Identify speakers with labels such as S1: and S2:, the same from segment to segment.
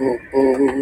S1: oh, oh.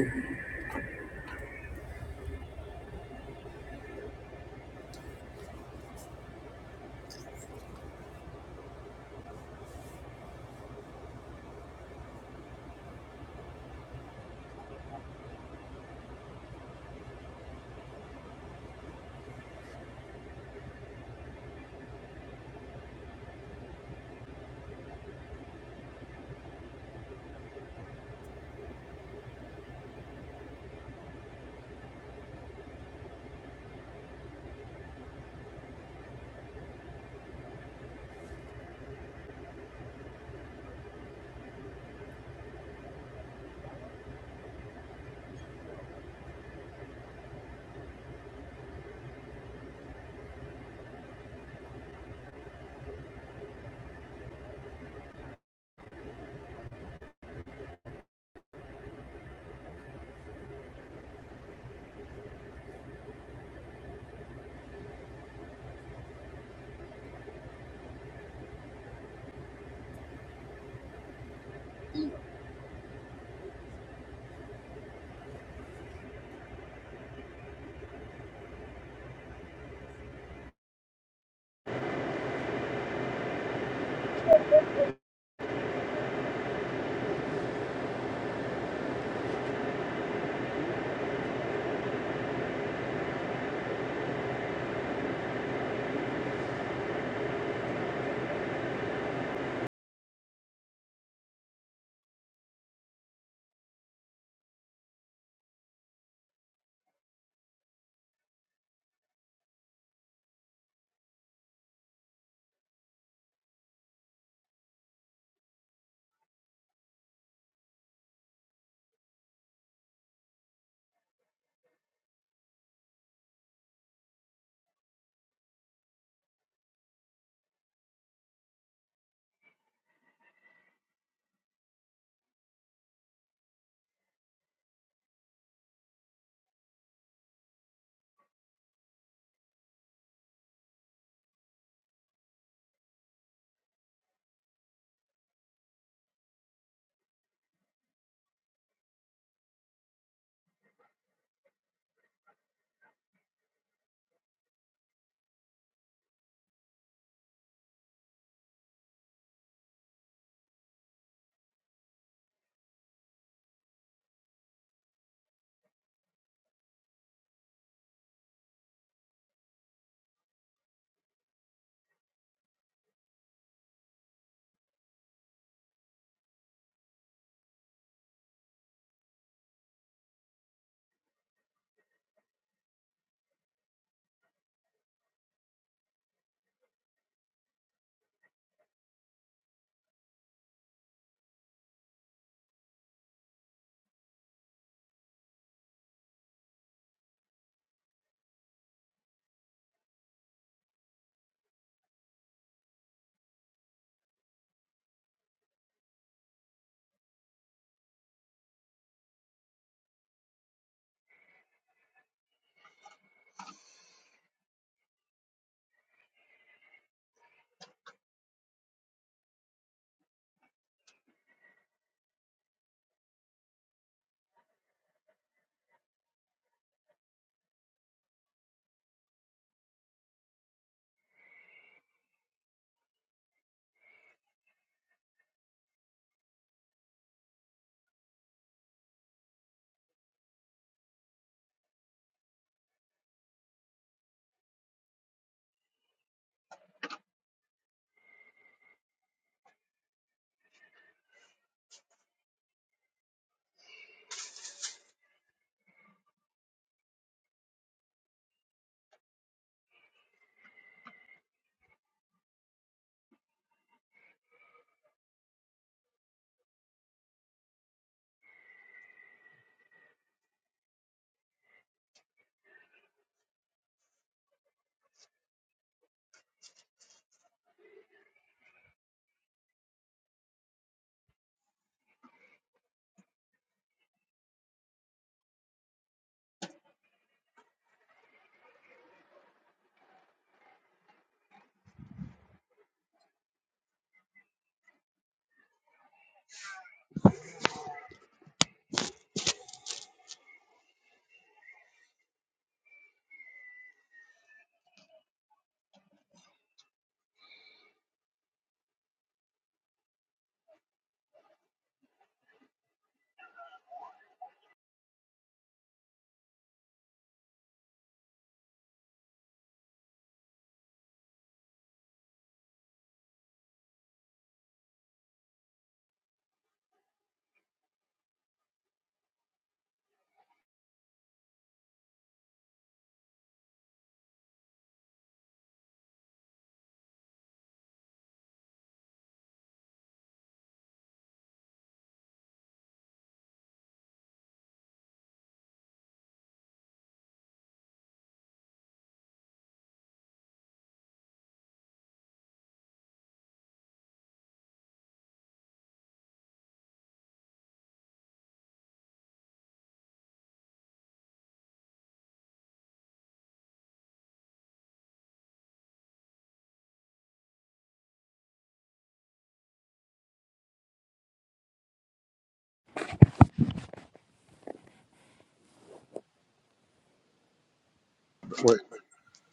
S2: Wait,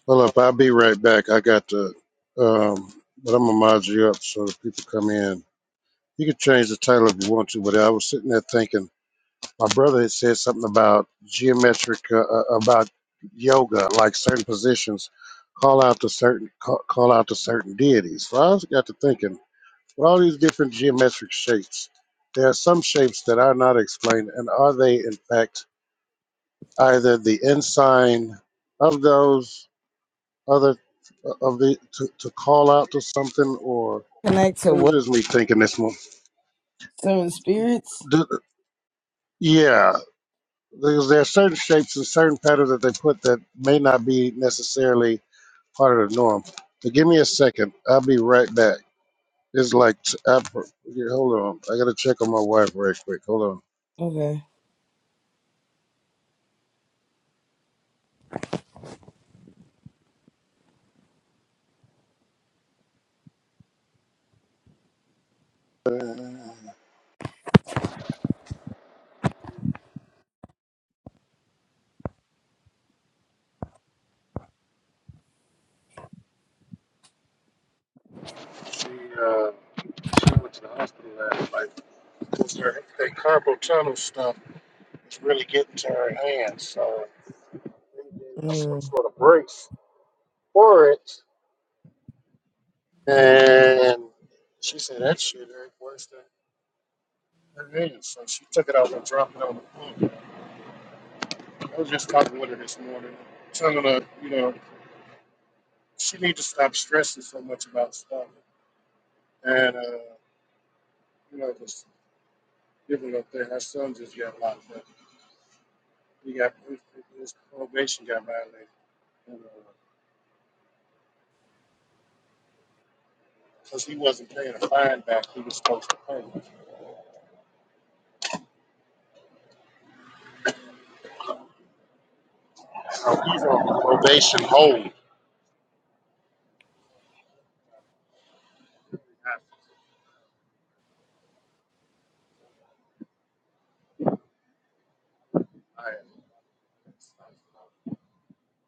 S2: hold up. I'll be right back. I got the, um, but I'm gonna mod you up so that people come in. You can change the title if you want to, but I was sitting there thinking, my brother had said something about geometric, uh, uh, about yoga, like certain positions call out to certain, call, call out to certain deities. So I was got to thinking, with all these different geometric shapes, there are some shapes that are not explained, and are they in fact either the ensign of those? other uh, of the to, to call out to something or
S3: Connect
S2: it
S3: to
S2: was
S3: what?
S2: just me thinking this one
S3: Seven spirits?
S2: Do, yeah there's, there are certain shapes and certain patterns that they put that may not be necessarily part of the norm but give me a second i'll be right back it's like I, yeah, hold on i gotta check on my wife right quick hold
S3: Okay.
S2: on Uh, she uh she went to the hospital last night because her that carpal tunnel stuff is really getting to her hands so they gave her some
S3: Mm.
S2: sort of break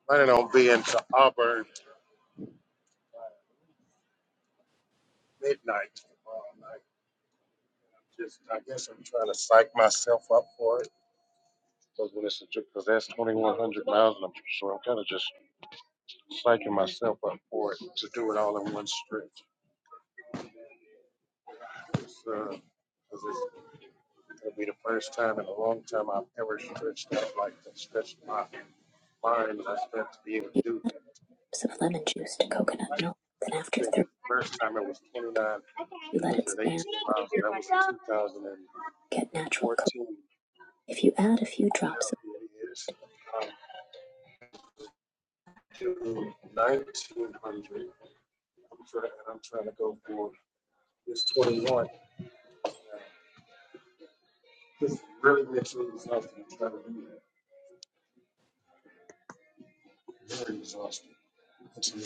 S2: Planning on being to Auburn midnight. Um, I just, I guess I'm trying to psych myself up for it. Because when it's, because that's 2,100 miles and I'm so I'm kind of just psyching myself up for it to do it all in one stretch. So,
S3: few cups of lemon juice to coconut milk. Then after three, you let it stand for a few to get natural coconut. If you add a few drops of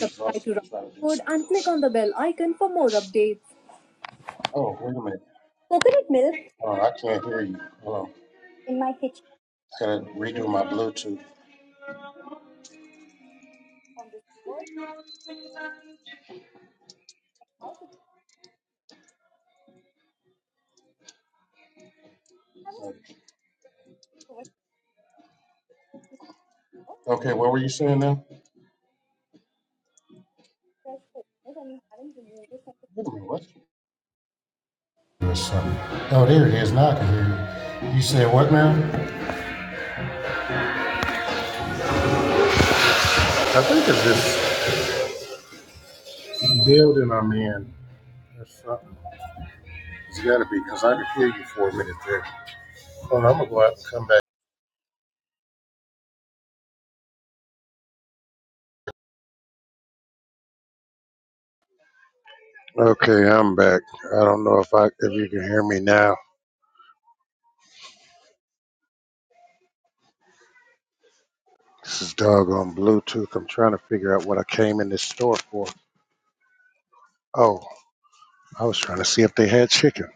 S3: subscribe to Rocket Food and click on the bell icon for more updates.
S2: oh, wait a minute. Oh, I can't hear you. Hold on.
S3: In my
S2: I gotta redo my Bluetooth. Okay, what were you saying now? Wait a minute, what? There's something. Oh, there it is. Now I can hear you. You said what now? I think it's this building I'm in. There's something. It's got to be because I could hear you for a minute there. Hold on, I'm gonna go out and come back. Okay, I'm back. I don't know if I if you can hear me now. This is doggone Bluetooth. I'm trying to figure out what I came in this store for. Oh, I was trying to see if they had chicken.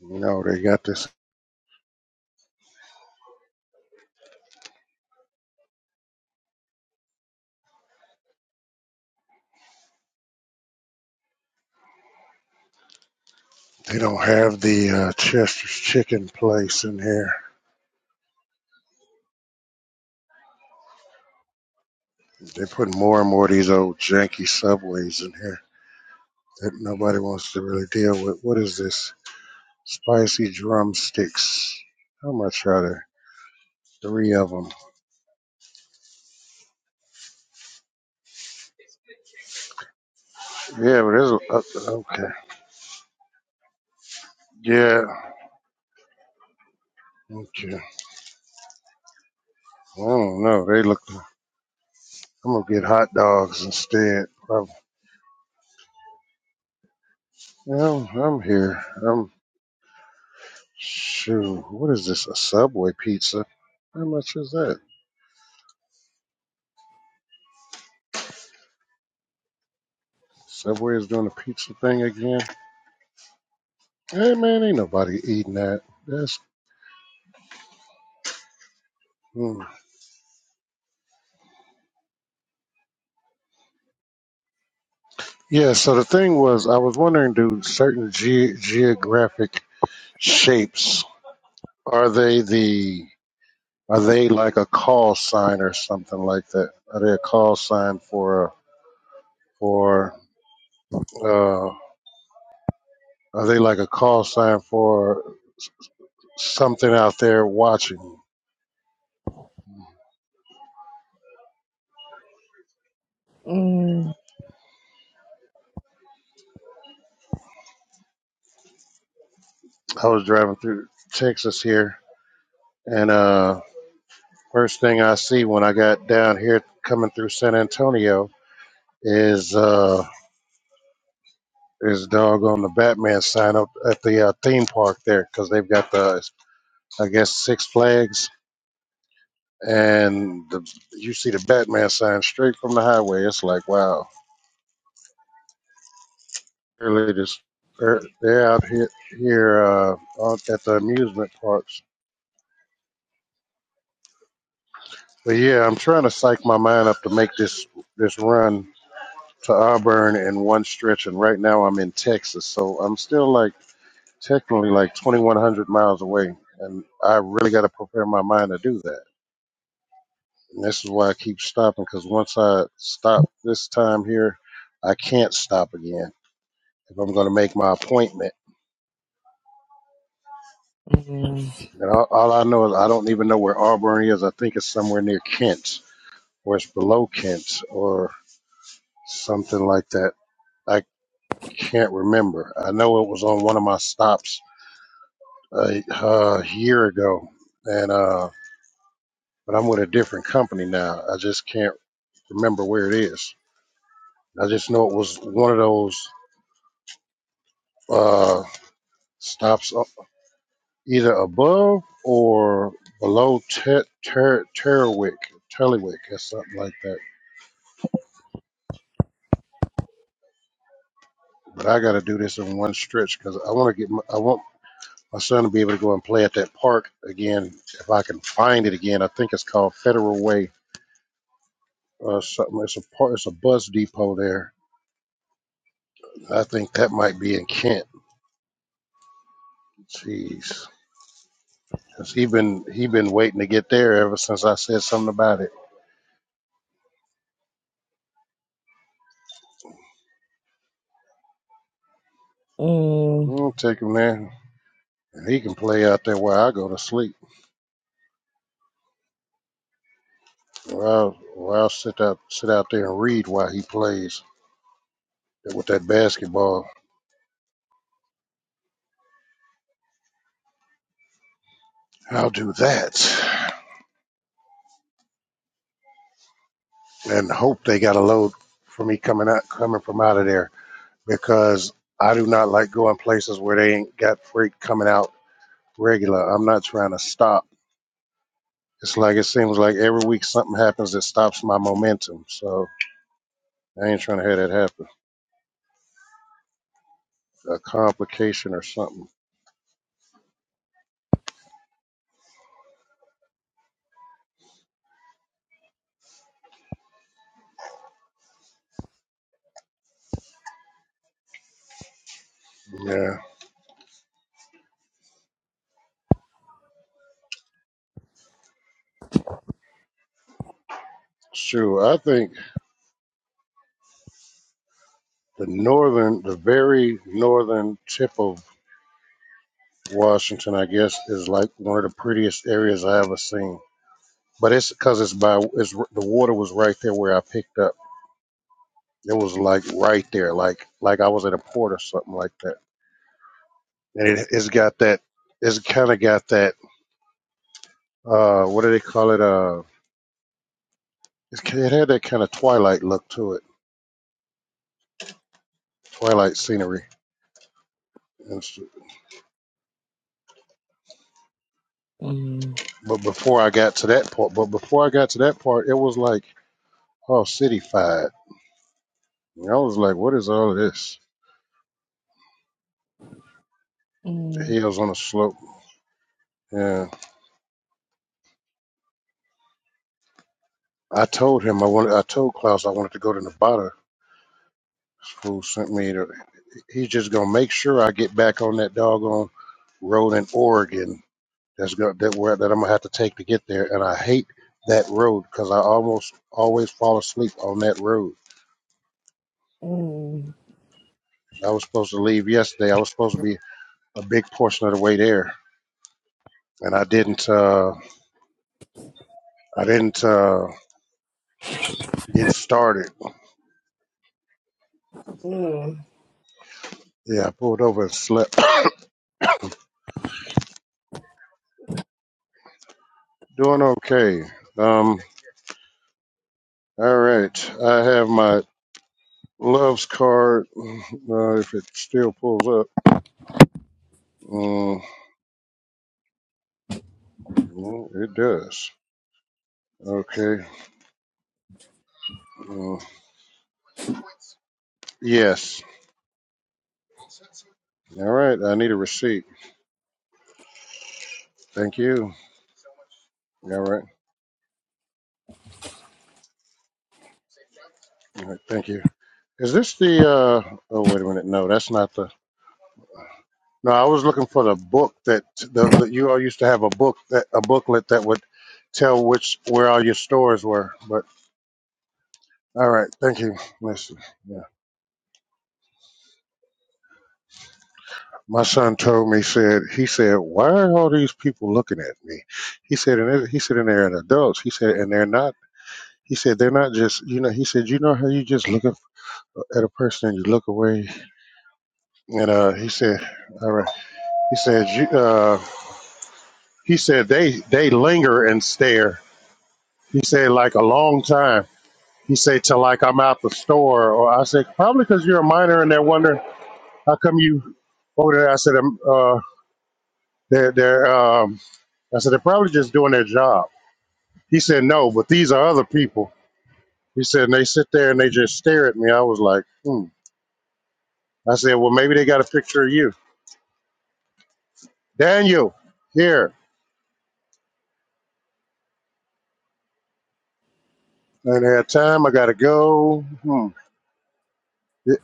S2: You know, they got this. They don't have the uh, Chester's chicken place in here. They put more and more of these old janky subways in here that nobody wants to really deal with. What is this? Spicy drumsticks. How much are there? Three of them. Yeah, but there's a, uh, okay. Yeah, okay. I don't know. They look. I'm gonna get hot dogs instead. I'm, yeah, I'm, I'm here. I'm shoot. What is this? A Subway pizza? How much is that? Subway is doing a pizza thing again. Hey man, ain't nobody eating that. That's mm. yeah. So the thing was, I was wondering, do certain ge- geographic shapes are they the Are they like a call sign or something like that? Are they a call sign for for uh, are they like a call sign for something out there watching?
S3: Mm.
S2: I was driving through Texas here, and uh, first thing I see when I got down here coming through San Antonio is uh, is doggone the Batman sign up at the uh, theme park there because they've got the I guess Six Flags and the, you see the Batman sign straight from the highway. It's like, wow, they're latest. they're out here here uh, out at the amusement parks. But yeah, I'm trying to psych my mind up to make this this run to Auburn in one stretch, and right now I'm in Texas, so I'm still like technically like 2,100 miles away, and I really got to prepare my mind to do that. And this is why I keep stopping because once I stop this time here, I can't stop again if I'm going to make my appointment.
S3: Mm.
S2: And all, all I know is I don't even know where Auburn is. I think it's somewhere near Kent, or it's below Kent, or something like that. I can't remember. I know it was on one of my stops a, a year ago, and uh, but I'm with a different company now. I just can't remember where it is. I just know it was one of those uh, stops. either above or below Ter Ter Terwick, Terwick, or something like that. But I got to do this in one stretch because I want to get my, I want my son to be able to go and play at that park again if I can find it again. I think it's called Federal Way or something. It's a park. It's a bus depot there. I think that might be in Kent. Jeez. Cause he been he been waiting to get there ever since I said something about it.
S3: Mm.
S2: I'll take him there, and he can play out there while I go to sleep. Well, well, I'll sit out, sit out there and read while he plays with that basketball. I'll do that and hope they got a load for me coming out, coming from out of there because I do not like going places where they ain't got freight coming out regular. I'm not trying to stop. It's like it seems like every week something happens that stops my momentum. So I ain't trying to have that happen. A complication or something. Yeah, sure. I think the northern, the very northern tip of Washington, I guess, is like one of the prettiest areas I ever seen. But it's because it's by it's the water was right there where I picked up. It was like right there, like like I was at a port or something like that. And it, it's got that. It's kind of got that. Uh, what do they call it? Uh, it's, it had that kind of twilight look to it, twilight scenery. And s
S3: Mm.
S2: but before I got to that part, but before I got to that part, it was like all cityfied. And I was like, what is all of this? The
S3: Mm.
S2: hills on a slope. Yeah. I told him I wanted. I told Klaus I wanted to go to Nevada. Who sent me to? He's just gonna make sure I get back on that doggone road in Oregon. That's go, that where that I'm gonna have to take to get there. And I hate that road because I almost always fall asleep on that road.
S3: Mm.
S2: I was supposed to leave yesterday. I was supposed to be a big portion of the way there, and I didn't. Uh, I didn't uh, get started.
S3: Mm.
S2: Yeah, I pulled over and slept. Doing okay. Um. All right. I have my Love's card. Uh, if it still pulls up, uh, well, it does. Okay. Uh, yes. All right. I need a receipt. Thank you. All right. All right. Thank you. Is this the? Uh, oh, wait a minute. No, that's not the. No, I was looking for the book that the, the you all used to have a book that a booklet that would tell which where all your stores were. But all right. Thank you. Listen. yeah. my son told me said he said why are all these people looking at me he said and it- he said and they're adults he said and they're not he said they're not just you know he said you know how you just look at at a person and you look away and uh he said all right he said you uh he said they they linger and stare he said like a long time he said till like i'm out the store or i said probably because you're a minor and they're wondering how come you over there i said um, uh they're they're um i said they're probably just doing their job He said, No, but these are other people. He said, and they sit there and they just stare at me. I was like, hmm. I said, Well, maybe they got a picture of you. Daniel, here. And at time, I got to go. Hmm. Y-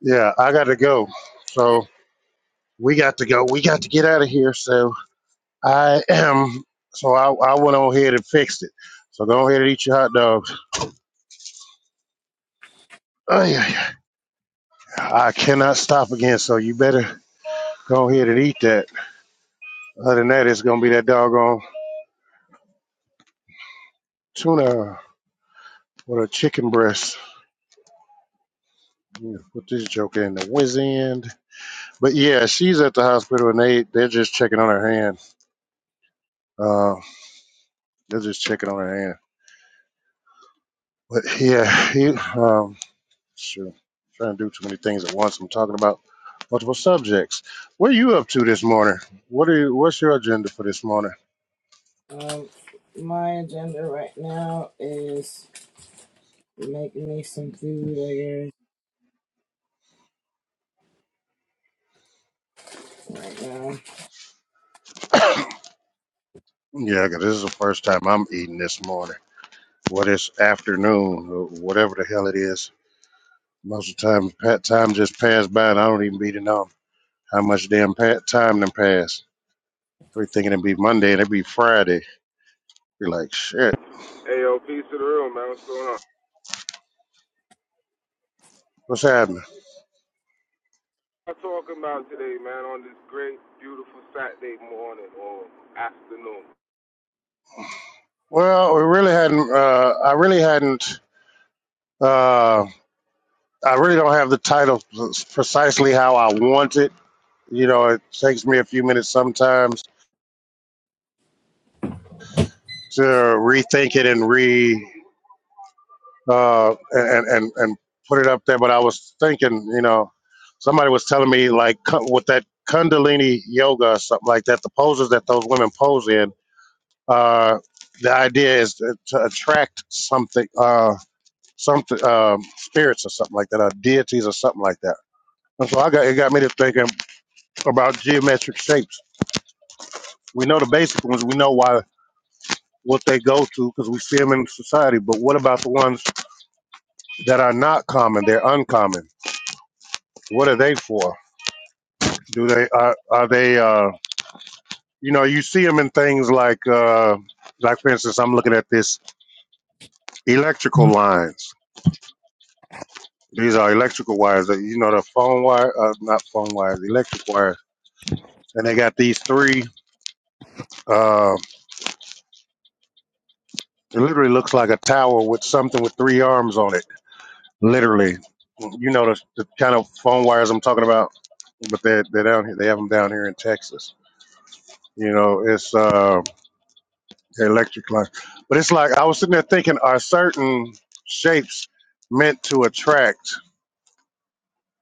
S2: Yeah, I got to go. So we got to go. We got to get out of here. So I am. So I, I went on ahead and fixed it. So go ahead and eat your hot dogs. Oh, yeah, yeah. I cannot stop again. So you better go ahead and eat that. Other than that, it's going to be that doggone tuna with a chicken breast. Yeah, put this joke in the whiz end. But yeah, she's at the hospital and they they're just checking on her hand. Uh, they're just checking on her hand. But yeah, he um sure trying to do too many things at once. I'm talking about multiple subjects. What are you up to this morning? What are you, what's your agenda for this morning?
S3: Um, my agenda right now is make me some food, I guess, right
S2: Yeah, 'cause this is the first time I'm eating this morning. What is afternoon or whatever the hell it is. Most of the time, pat time just passed by and I don't even be to know how much damn pat time done passed. We thinking it'd be Monday and it'd be Friday. You're like, shit,
S4: Hey, yo, peace to the room, man. What's going on? What
S2: what's happening?
S4: I'm talking about today, man, on this great, beautiful Saturday morning or afternoon.
S2: Well, we really hadn't. Uh, I really hadn't. Uh, I really don't have the title precisely how I want it. You know, it takes me a few minutes sometimes to rethink it and re uh, and and and put it up there. But I was thinking, you know, somebody was telling me like with that Kundalini yoga or something like that, the poses that those women pose in Uh, the idea is to, to attract something, uh, something, um, spirits or something like that, or deities or something like that. And so I got it got me to thinking about geometric shapes. We know the basic ones. We know why what they go to because we see them in society. But what about the ones that are not common? They're uncommon. What are they for? Do they are are they? Uh, you know, you see them in things like, uh, like for instance, I'm looking at this electrical lines. These are electrical wires. That you know the phone wire, uh, not phone wires, electric wires. And they got these three. Uh, it literally looks like a tower with something with three arms on it. Literally, you know the, the kind of phone wires I'm talking about. But they they're down here. They have them down here in Texas. You know, it's uh, electric line. But it's like I was sitting there thinking: Are certain shapes meant to attract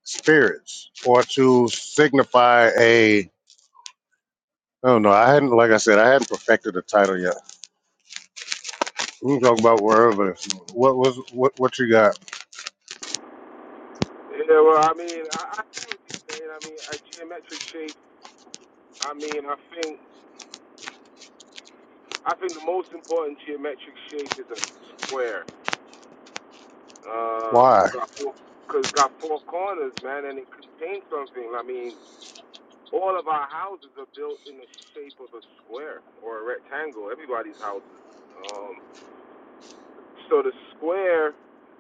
S2: spirits or to signify a? I don't know. I hadn't, like I said, I hadn't perfected the title yet. We can talk about wherever. What was what? What you got?
S4: Yeah, well, I mean, I, I see what you're saying. I mean, a geometric shape. I mean, I think, I think the most important geometric shape is a square. Um,
S2: Why?
S4: it's got four, cause it's got four corners, man, and it contains something. I mean, all of our houses are built in the shape of a square or a rectangle. Everybody's houses. Um, So the square,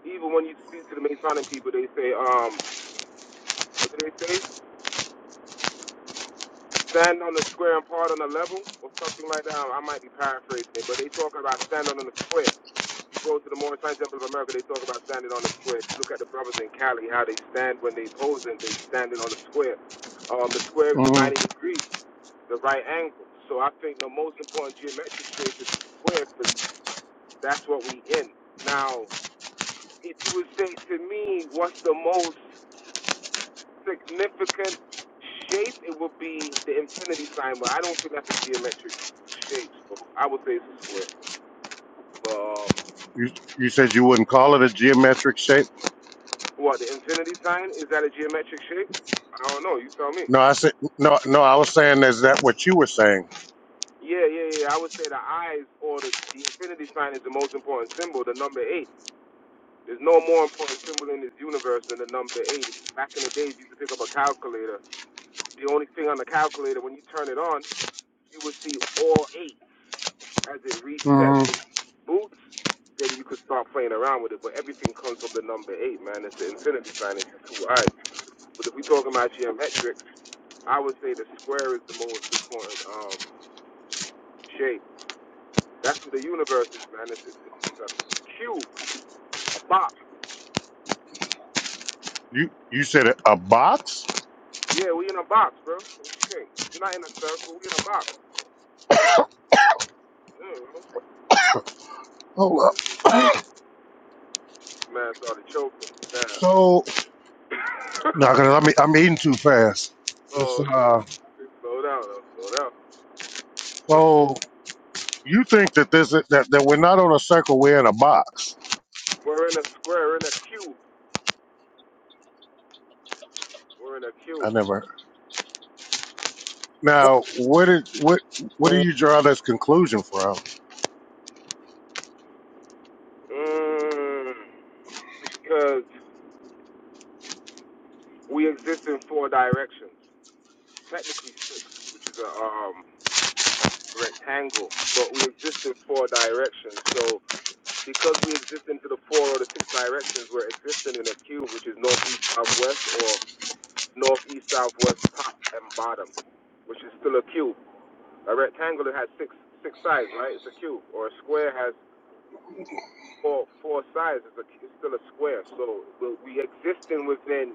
S4: even when you speak to the Masonic people, they say, um, what do they say? Stand on the square and part on the level, or something like that. I might be paraphrasing it, but they talk about standing on the square. If You go to the Morris Temple of America, they talk about standing on the square. If you look at the brothers in Cali, how they stand when they posing, they standing on the square. Um, the square is the
S2: hmm
S4: 90 degrees, the right angle. So I think the most important geometric shape is the square, because that's what we in. Now, if you would say to me, what's the most significant shape, it would be the infinity sign, but I don't think that's a geometric shape. So I would say it's a square. But um,
S2: You you said you wouldn't call it a geometric shape.
S4: what the infinity sign is that a geometric shape? I don't know. You tell me.
S2: No, I said no. No, I was saying is that what you were saying?
S4: Yeah, yeah, yeah. I would say the eyes or the, the infinity sign is the most important symbol, the number eight. There's no more important symbol in this universe than the number eight. Back in the days, you used to pick up a calculator. The only thing on the calculator, when you turn it on, you would see all eights. as it resets
S2: hmm
S4: and boots, then you could start playing around with it. But everything comes from the number eight, man. It's the infinity sign. It's the two eyes. But if we're talking about geometrics, I would say the square is the most important um, shape. That's what the universe is, man. It's, it's, it's a cube, a box.
S2: You you said a a box?
S4: Yeah, we in a box, bro. What you think? We're not in a circle. We in a box. Mm-hmm.
S2: Oh, uh,
S4: Man started choking. Damn.
S2: so no, cause I'm e- I'm eating too fast.
S4: oh,
S2: It's,
S4: okay.
S2: uh,
S4: okay. Slow down. Slow down.
S2: so you think that this that that we're not on a circle? We're in a box.
S4: We're in a square, in a cube. We're in a queue.
S2: I never. Now, what did what what
S3: now.
S2: do you draw this conclusion from?
S4: Mm, because we exist in four directions. Technically six, which is a um, rectangle, but we exist in four directions. So because we exist into the four or the six directions, we're existing in a cube, which is north east south west or north east south west top and bottom, which is still a cube. A rectangle it has six six sides, right? It's a cube. Or a square has four four sides. It's, a, it's still a square. So we existing within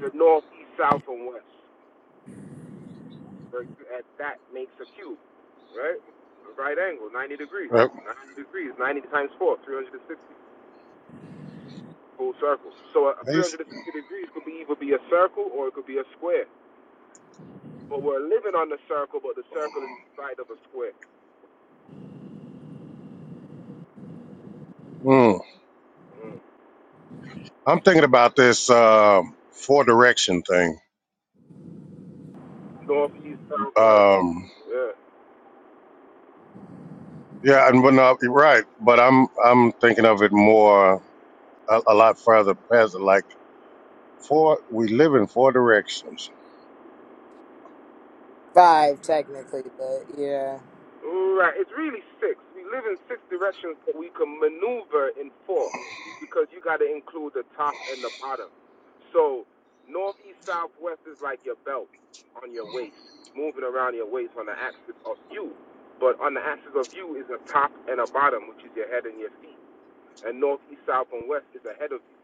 S4: the north, east, south, and west. Like, At that makes a cube, right? A right angle, 90 degrees.
S2: Uh,
S4: 90 degrees, 90 times 4, 360 full circle. So a
S2: these-
S4: 360 degrees could be either be a circle or it could be a square. But we're living on the circle, but the circle is inside of a square.
S2: hmm.
S4: Mm.
S2: I'm thinking about this um, four direction thing.
S4: North, east, south, west.
S2: Um,
S4: Yeah.
S2: yeah, and but no, you're right. But I'm I'm thinking of it more a, a lot further past it. Like four, we live in four directions,
S3: five technically, but yeah.
S4: Right. It's really six. We live in six directions, but we can maneuver in four because you got to include the top and the bottom. So north, east, south, west is like your belt on your waist, moving around your waist on the axis of you. But on the axis of you is a top and a bottom, which is your head and your feet. And north, east, south, and west is ahead of you.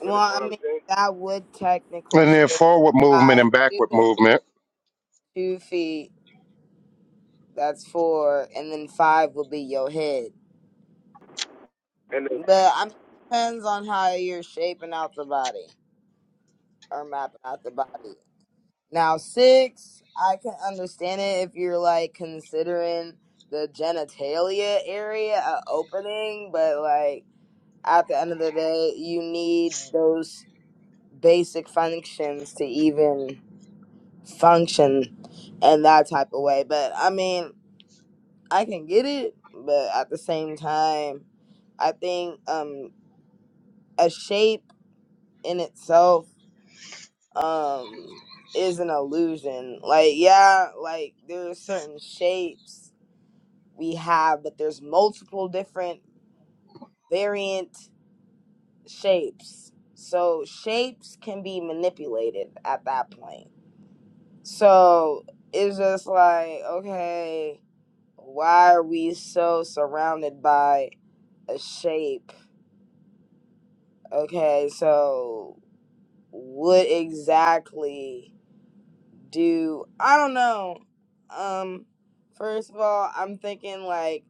S3: Well,
S4: You understand
S3: I
S4: what I'm
S3: mean
S4: saying?
S3: that would technically
S2: and then
S3: still
S2: forward
S3: be
S2: movement
S3: five.
S2: and
S3: Two
S2: backward
S3: hands,
S2: movement.
S3: two feet, that's four, and then five would be your head.
S4: And then,
S3: But I mean it depends on how you're shaping out the body or mapping out the body. Now six, I can understand it if you're like considering the genitalia area a opening, but like at the end of the day, you need those basic functions to even function in that type of way. But I mean, I can get it, but at the same time, I think um a shape in itself um is an illusion. Like yeah, like there are certain shapes we have, but there's multiple different variant shapes. So shapes can be manipulated at that point. So it's just like okay why are we so surrounded by a shape? Okay, so what exactly do I don't know. Um first of all, I'm thinking like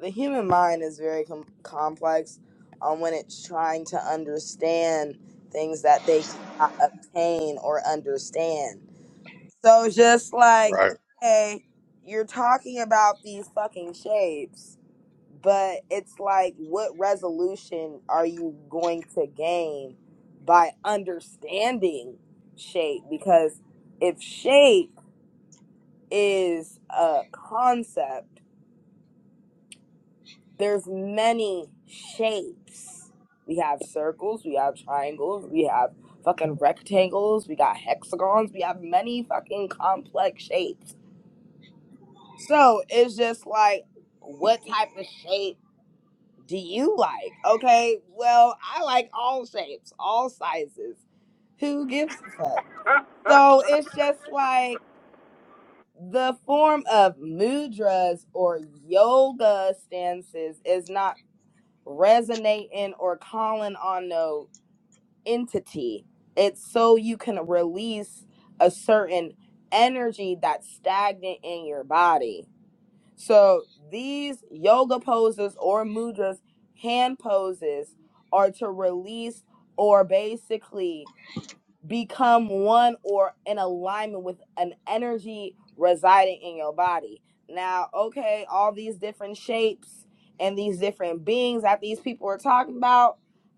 S3: the human mind is very com- complex on when it's trying to understand things that they cannot obtain or understand. So just like,
S2: Right.
S3: okay, you're talking about these fucking shapes, but it's like, what resolution are you going to gain by understanding shape? Because if shape is a concept, there's many shapes. We have circles, we have triangles, we have fucking rectangles, we got hexagons, we have many fucking complex shapes So it's just like, what type of shape do you like? Okay, well, I like all shapes, all sizes. Who gives a fuck? So it's just like the form of mudras or yoga stances is not resonating or calling on no entity. It's so you can release a certain energy that's stagnant in your body So these yoga poses or mudras, hand poses, are to release or basically become one or in alignment with an energy residing in your body. Now, okay, all these different shapes and these different beings that these people are talking about,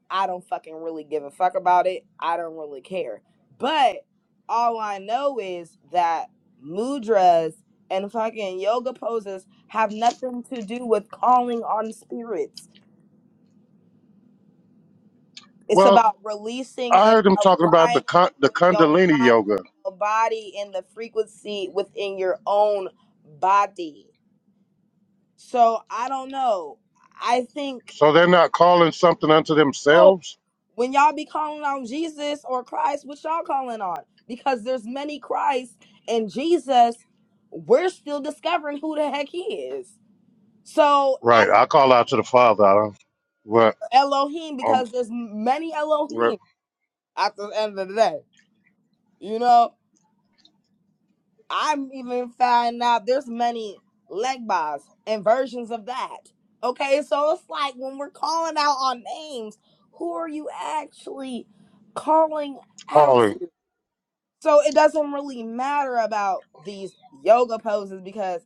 S3: I don't fucking really give a fuck about it. I don't really care. But all I know is that mudras and fucking yoga poses have nothing to do with calling on spirits. It's
S2: Well,
S3: about releasing
S2: I
S3: and
S2: heard them talking about the
S3: aligning
S2: con- the
S3: with your
S2: Kundalini
S3: mind,
S2: yoga.
S3: your body, and the frequency within your own body. So I don't know. I think
S2: So they're not calling something unto
S3: oh,
S2: themselves
S3: when y'all be calling on Jesus or Christ, what y'all calling on? Because there's many Christ and Jesus. We're still discovering who the heck he is. So at
S2: Right. I call out to the Father. I don't, but
S3: Elohim,
S2: um,
S3: because there's many
S2: but
S3: Elohim at the end of the day, you know. I'm even finding out there's many leg bars and versions of that. Okay, so it's like when we're calling out on names, who are you actually calling out
S2: Harley,
S3: to? So it doesn't really matter about these yoga poses because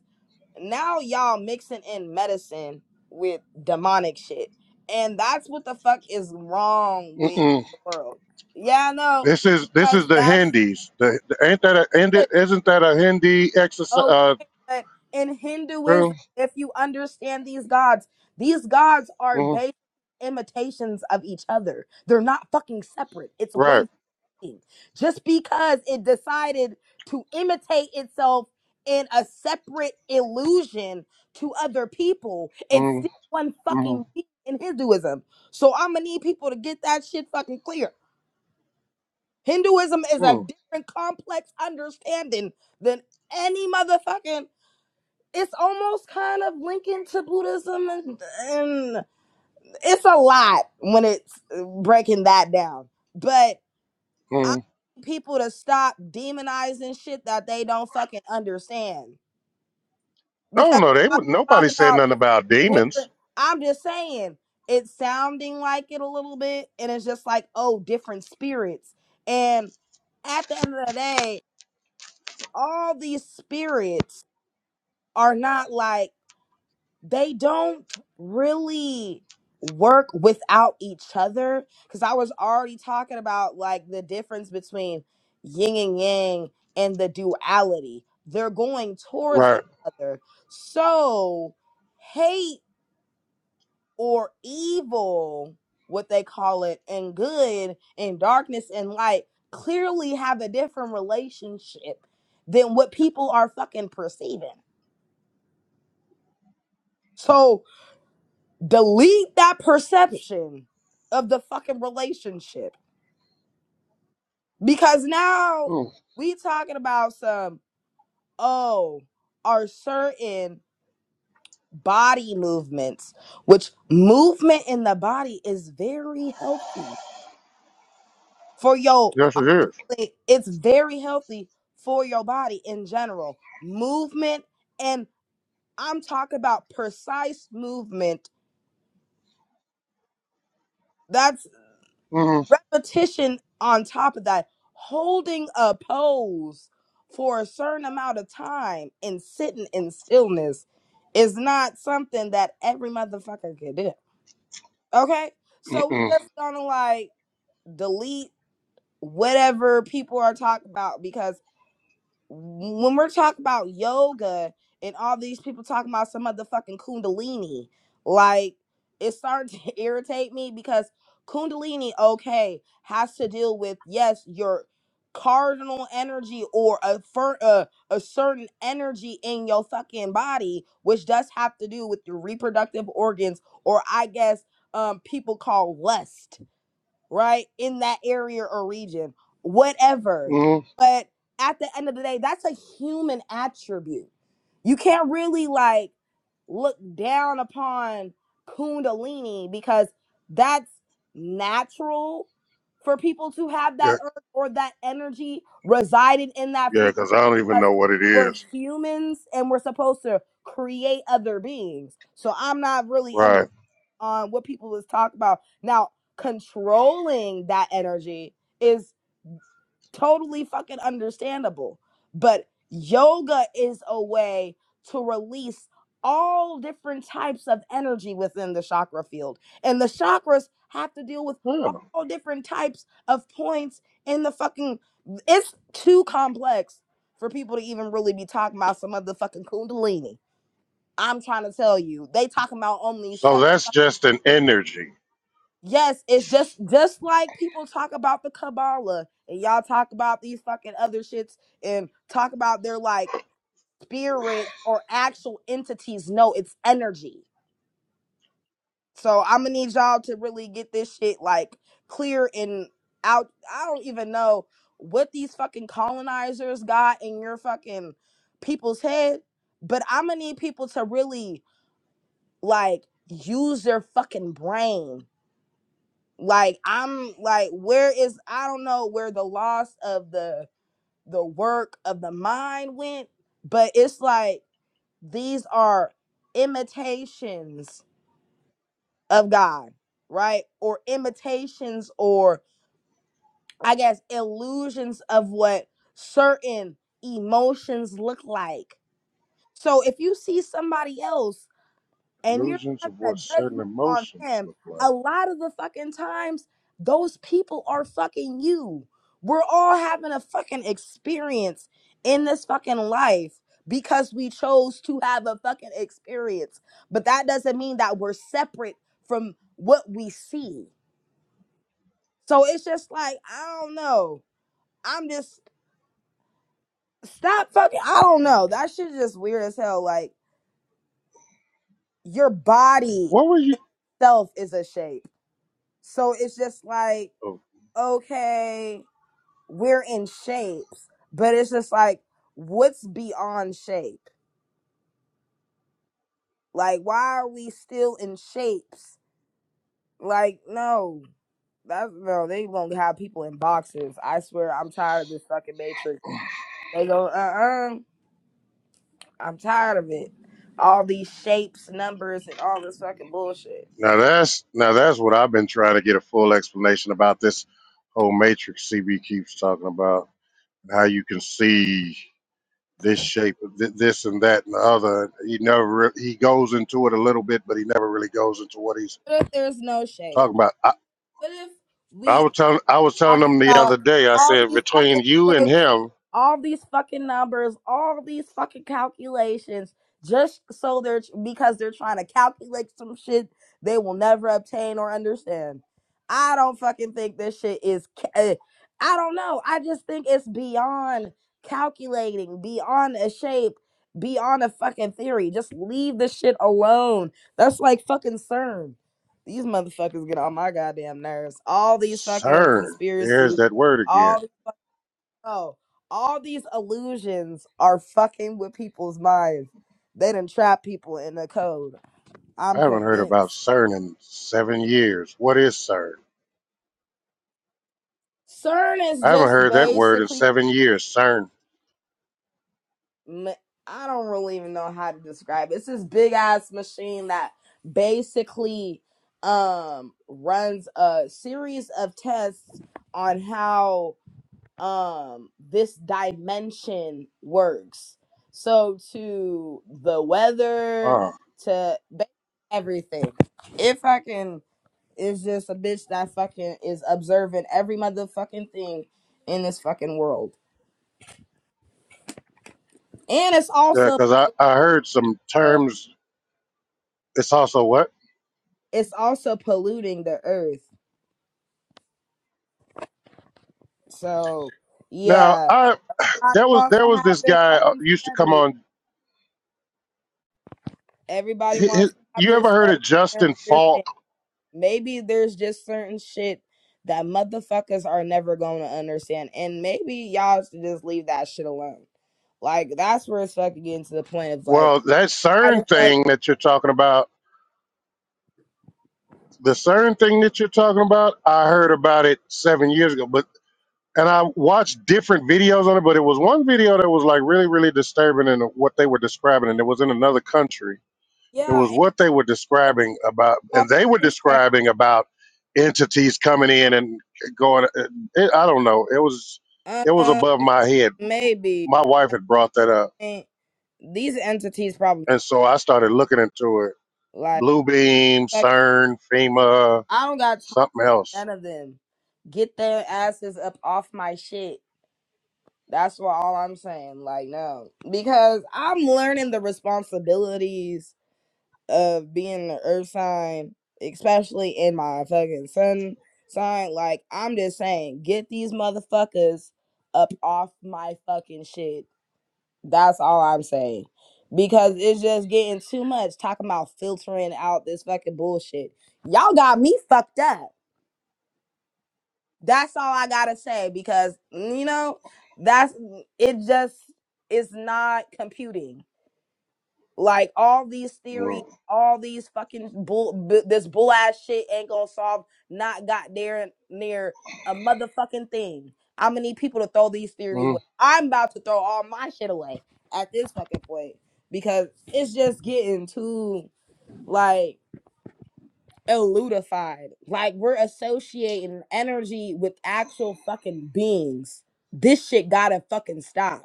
S3: now y'all mixing in medicine with demonic shit. And that's what the fuck is wrong with
S2: mm-mm.
S3: the world. Yeah, I know.
S2: this is this is
S3: Because
S2: the
S3: that's
S2: Hindis. The, the ain't that a ain't
S3: it.
S2: it, isn't that a Hindi exercise?
S3: Okay,
S2: Uh,
S3: but in Hinduism,
S2: term?
S3: if you understand these gods, these gods are
S2: Mhm.
S3: based imitations of each other. They're not fucking separate. It's
S2: Right.
S3: one thing. Just because it decided to imitate itself in a separate illusion to other people, it's
S2: mm
S3: still one
S2: mm
S3: fucking thing in Hinduism. So I'm gonna need people to get that shit fucking clear. Hinduism is a
S2: mm
S3: different complex understanding than any motherfucking it's almost kind of linking to Buddhism, and, and it's a lot when it's uh, breaking that down. But I
S2: mm.
S3: need people to stop demonizing shit that they don't fucking understand
S2: No,
S3: because
S2: no, they
S3: I
S2: would.
S3: talk
S2: Nobody said
S3: about
S2: nothing about demons.
S3: different. I'm just saying it's sounding like it a little bit, and it's just like oh, different spirits. And at the end of the day, all these spirits are not like. they don't really work without each other because i was already talking about like the difference between yin and yang and the duality they're going towards each
S2: Right.
S3: other so hate or evil what they call it and good and darkness and light clearly have a different relationship than what people are fucking perceiving so delete that perception of the fucking relationship because now
S2: Mm.
S3: we talking about some oh are certain body movements which movement in the body is very healthy for your
S2: Yes, it is.
S3: honestly it's very healthy for your body in general movement and i'm talking about precise movement That's
S2: Mm,
S3: repetition on top of that, holding a pose for a certain amount of time and sitting in stillness is not something that every motherfucker can do. Okay? So we
S2: mm-mm,
S3: just gonna like delete whatever people are talking about because when we're talking about yoga and all these people talking about some motherfucking kundalini, like it started to irritate me because kundalini, okay, has to deal with yes, your cardinal energy or a fir- uh, a certain energy in your fucking body, which does have to do with your reproductive organs, or I guess um people call lust right, in that area or region, whatever.
S2: mm.
S3: But at the end of the day, that's a human attribute. You can't really like look down upon Kundalini because that's natural for people to have
S2: Yeah,
S3: that urge or that energy resided in that
S2: yeah,
S3: frequency
S2: because I don't even
S3: because
S2: know what it
S3: we're
S2: is.
S3: humans and we're supposed to create other beings. So I'm not really
S2: Right.
S3: on what people was talking about. Now, controlling that energy is totally fucking understandable, but yoga is a way to release all different types of energy within the chakra field. And the chakras have to deal with
S2: Yeah.
S3: all different types of points in the fucking it's too complex for people to even really be talking about some of the fucking kundalini. I'm trying to tell you, they talking about only 7
S2: So that's just an energy.
S3: Yes, it's just just like people talk about the Kabbalah and y'all talk about these fucking other shits and talk about their like spirits or actual entities. No, it's energy. So I'm gonna need y'all to really get this shit like clear and out. I don't even know what these fucking colonizers got in your fucking people's head, but I'm gonna need people to really like use their fucking brain like i'm like where is i don't know where the loss of the the work of the mind went but it's like these are imitations of god right or imitations or i guess illusions of what certain emotions look like so if you see somebody else and you're
S2: Illusions of
S3: having a
S2: what certain
S3: judgment on
S2: emotions
S3: them,
S2: look like.
S3: a lot of the fucking times, those people are fucking you. We're all having a fucking experience in this fucking life because we chose to have a fucking experience. But that doesn't mean that we're separate from what we see. So it's just like, I don't know. I'm just, stop fucking, I don't know. That shit just weird as hell. Like, your body
S2: What were you?
S3: itself is a shape So it's just like,
S2: Oh,
S3: okay, we're in shapes, but it's just like, what's beyond shape? Like, why are we still in shapes? Like, no, that's no, they gonna have people in boxes. I swear, I'm tired of this fucking matrix. They go, uh uh-uh, uh, i am tired of it. All these shapes, numbers, and all this fucking bullshit.
S2: now that's now that's what I've been trying to get a full explanation about this whole matrix CB keeps talking about how you can see this shape, th- this and that and the other. He never re- he goes into it a little bit, but he never really goes into what he's
S3: What if there's no shape?
S2: talking about. I,
S3: What if? we?
S2: I was telling I was telling
S3: talking
S2: him the
S3: about
S2: other day. I
S3: all
S2: said
S3: these fucking
S2: between you and
S3: shapes,
S2: him,
S3: all these fucking numbers, all these fucking calculations, just so they're because they're trying to calculate some shit they will never obtain or understand. I don't fucking think this shit is. ca- eh, I don't know. I just think it's beyond calculating, beyond a shape, beyond a fucking theory. Just leave this shit alone. That's like fucking CERN. These motherfuckers get on my goddamn nerves. All these fucking
S2: CERN. There's
S3: conspiracies,
S2: that word again.
S3: all the- oh, all these illusions are fucking with people's minds. They done trap people in the code.
S2: I
S3: I'm
S2: haven't heard about
S3: convinced.
S2: CERN in seven years. What is CERN?
S3: CERN is
S2: I haven't
S3: just
S2: heard that word in
S3: basically
S2: seven years. CERN.
S3: ma- I don't really even know how to describe it. It's this big ass machine that basically um runs a series of tests on how um this dimension works so to the weather
S2: Oh,
S3: to ba- everything it fucking is just a bitch that fucking is observing every motherfucking thing in this fucking world and it's
S2: yeah,
S3: also
S2: because I, I heard some
S3: uh,
S2: terms. It's also what
S3: it's also polluting the earth so
S2: now?
S3: yeah
S2: I
S3: everybody
S2: there was
S3: wants
S2: there
S3: to
S2: was
S3: have
S2: this
S3: their
S2: guy uh,
S3: fucking
S2: used to come
S3: study
S2: on.
S3: everybody
S2: He, he,
S3: wants to have
S2: you
S3: their
S2: ever heard of Justin
S3: study
S2: Falk?
S3: Maybe there's just certain shit that motherfuckers are never going to understand. And maybe y'all should just leave that shit alone. Like, that's where it's fucking getting to the point of like,
S2: Well, that
S3: I just
S2: CERN
S3: like,
S2: thing that you're talking about, the CERN thing that you're talking about, I heard about it seven years ago. But and I watched different videos on it, but it was one video that was like really really disturbing in what they were describing, and it was in another country It
S3: yeah,
S2: was
S3: and
S2: what they were describing about,
S3: all
S2: and they were
S3: kinds of-
S2: describing about entities coming in and going. It, I don't know. It was it was
S3: uh,
S2: above my head.
S3: maybe.
S2: My wife had brought that up,
S3: And these entities probably,
S2: and so I started looking into it.
S3: like,
S2: Blue Beam,
S3: fuck,
S2: CERN, FEMA,
S3: I don't got time
S2: something
S3: for
S2: else.
S3: none of them. Get their asses up off my shit. That's what all I'm saying. Like, no. Because I'm learning the responsibilities of being the earth sign, especially in my fucking sun sign. Like, I'm just saying, get these motherfuckers up off my fucking shit. That's all I'm saying. Because it's just getting too much talking about filtering out this fucking bullshit. Y'all got me fucked up. That's all I gotta say because, you know, that's it, just it's not computing. Like all these theories,
S2: Mm.
S3: all these fucking bull, b- this bull ass shit ain't gonna solve. Not got there near a motherfucking thing. I'm gonna need people to throw these theories
S2: Mm.
S3: away. I'm about to throw all my shit away at this fucking point because it's just getting too like eludified. Like we're associating energy with actual fucking beings. This shit gotta fucking stop.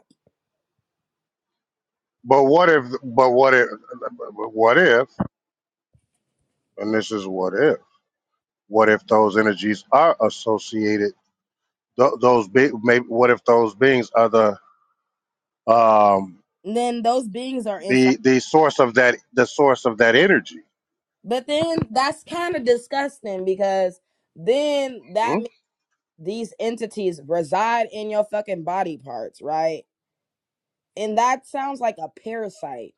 S2: But what if? But what if? But What if? And this is what if. What if those energies are associated? Th- those be- maybe. What if those beings are the um,
S3: And then those beings are inside.
S2: the the source of that the source of that energy.
S3: But then that's kind of disgusting because then that
S2: Hmm?
S3: means these entities reside in your fucking body parts, right? And that sounds like a parasite.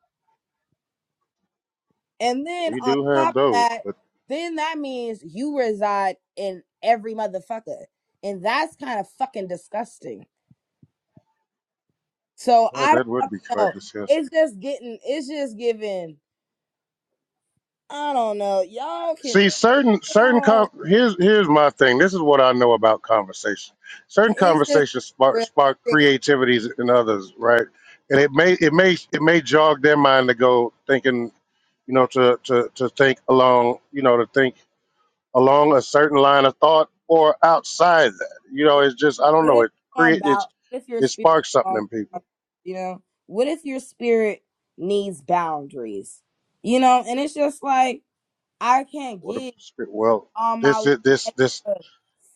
S3: And then
S2: We
S3: on
S2: do have
S3: top of
S2: those,
S3: that,
S2: but
S3: then that means you reside in every motherfucker. And that's kind of fucking disgusting. So
S2: yeah,
S3: I
S2: that would
S3: don't
S2: be
S3: fucking
S2: quite
S3: know. It's
S2: disgusting.
S3: just getting, it's just giving, I don't know. Y'all can,
S2: See, certain
S3: you
S2: certain
S3: know,
S2: com- here's here's my thing. This is what I know about conversation. Certain
S3: it's just
S2: conversations spark
S3: real
S2: spark
S3: sick.
S2: creativities in others, right? And it may it may it may jog their mind to go thinking, you know, to to to think along, you know, to think along a certain line of thought or outside that. You know,
S3: Like,
S2: it's just I don't
S3: What
S2: know.
S3: if
S2: It
S3: you're on
S2: create
S3: bout?
S2: it's
S3: What if your
S2: it
S3: spirit,
S2: sparks
S3: is on
S2: something in people.
S3: bound- you know, what if your spirit needs boundaries? You know, and it's just like I can't
S2: What if
S3: give
S2: the spirit. Well,
S3: all my
S2: this
S3: little
S2: is this this
S3: extra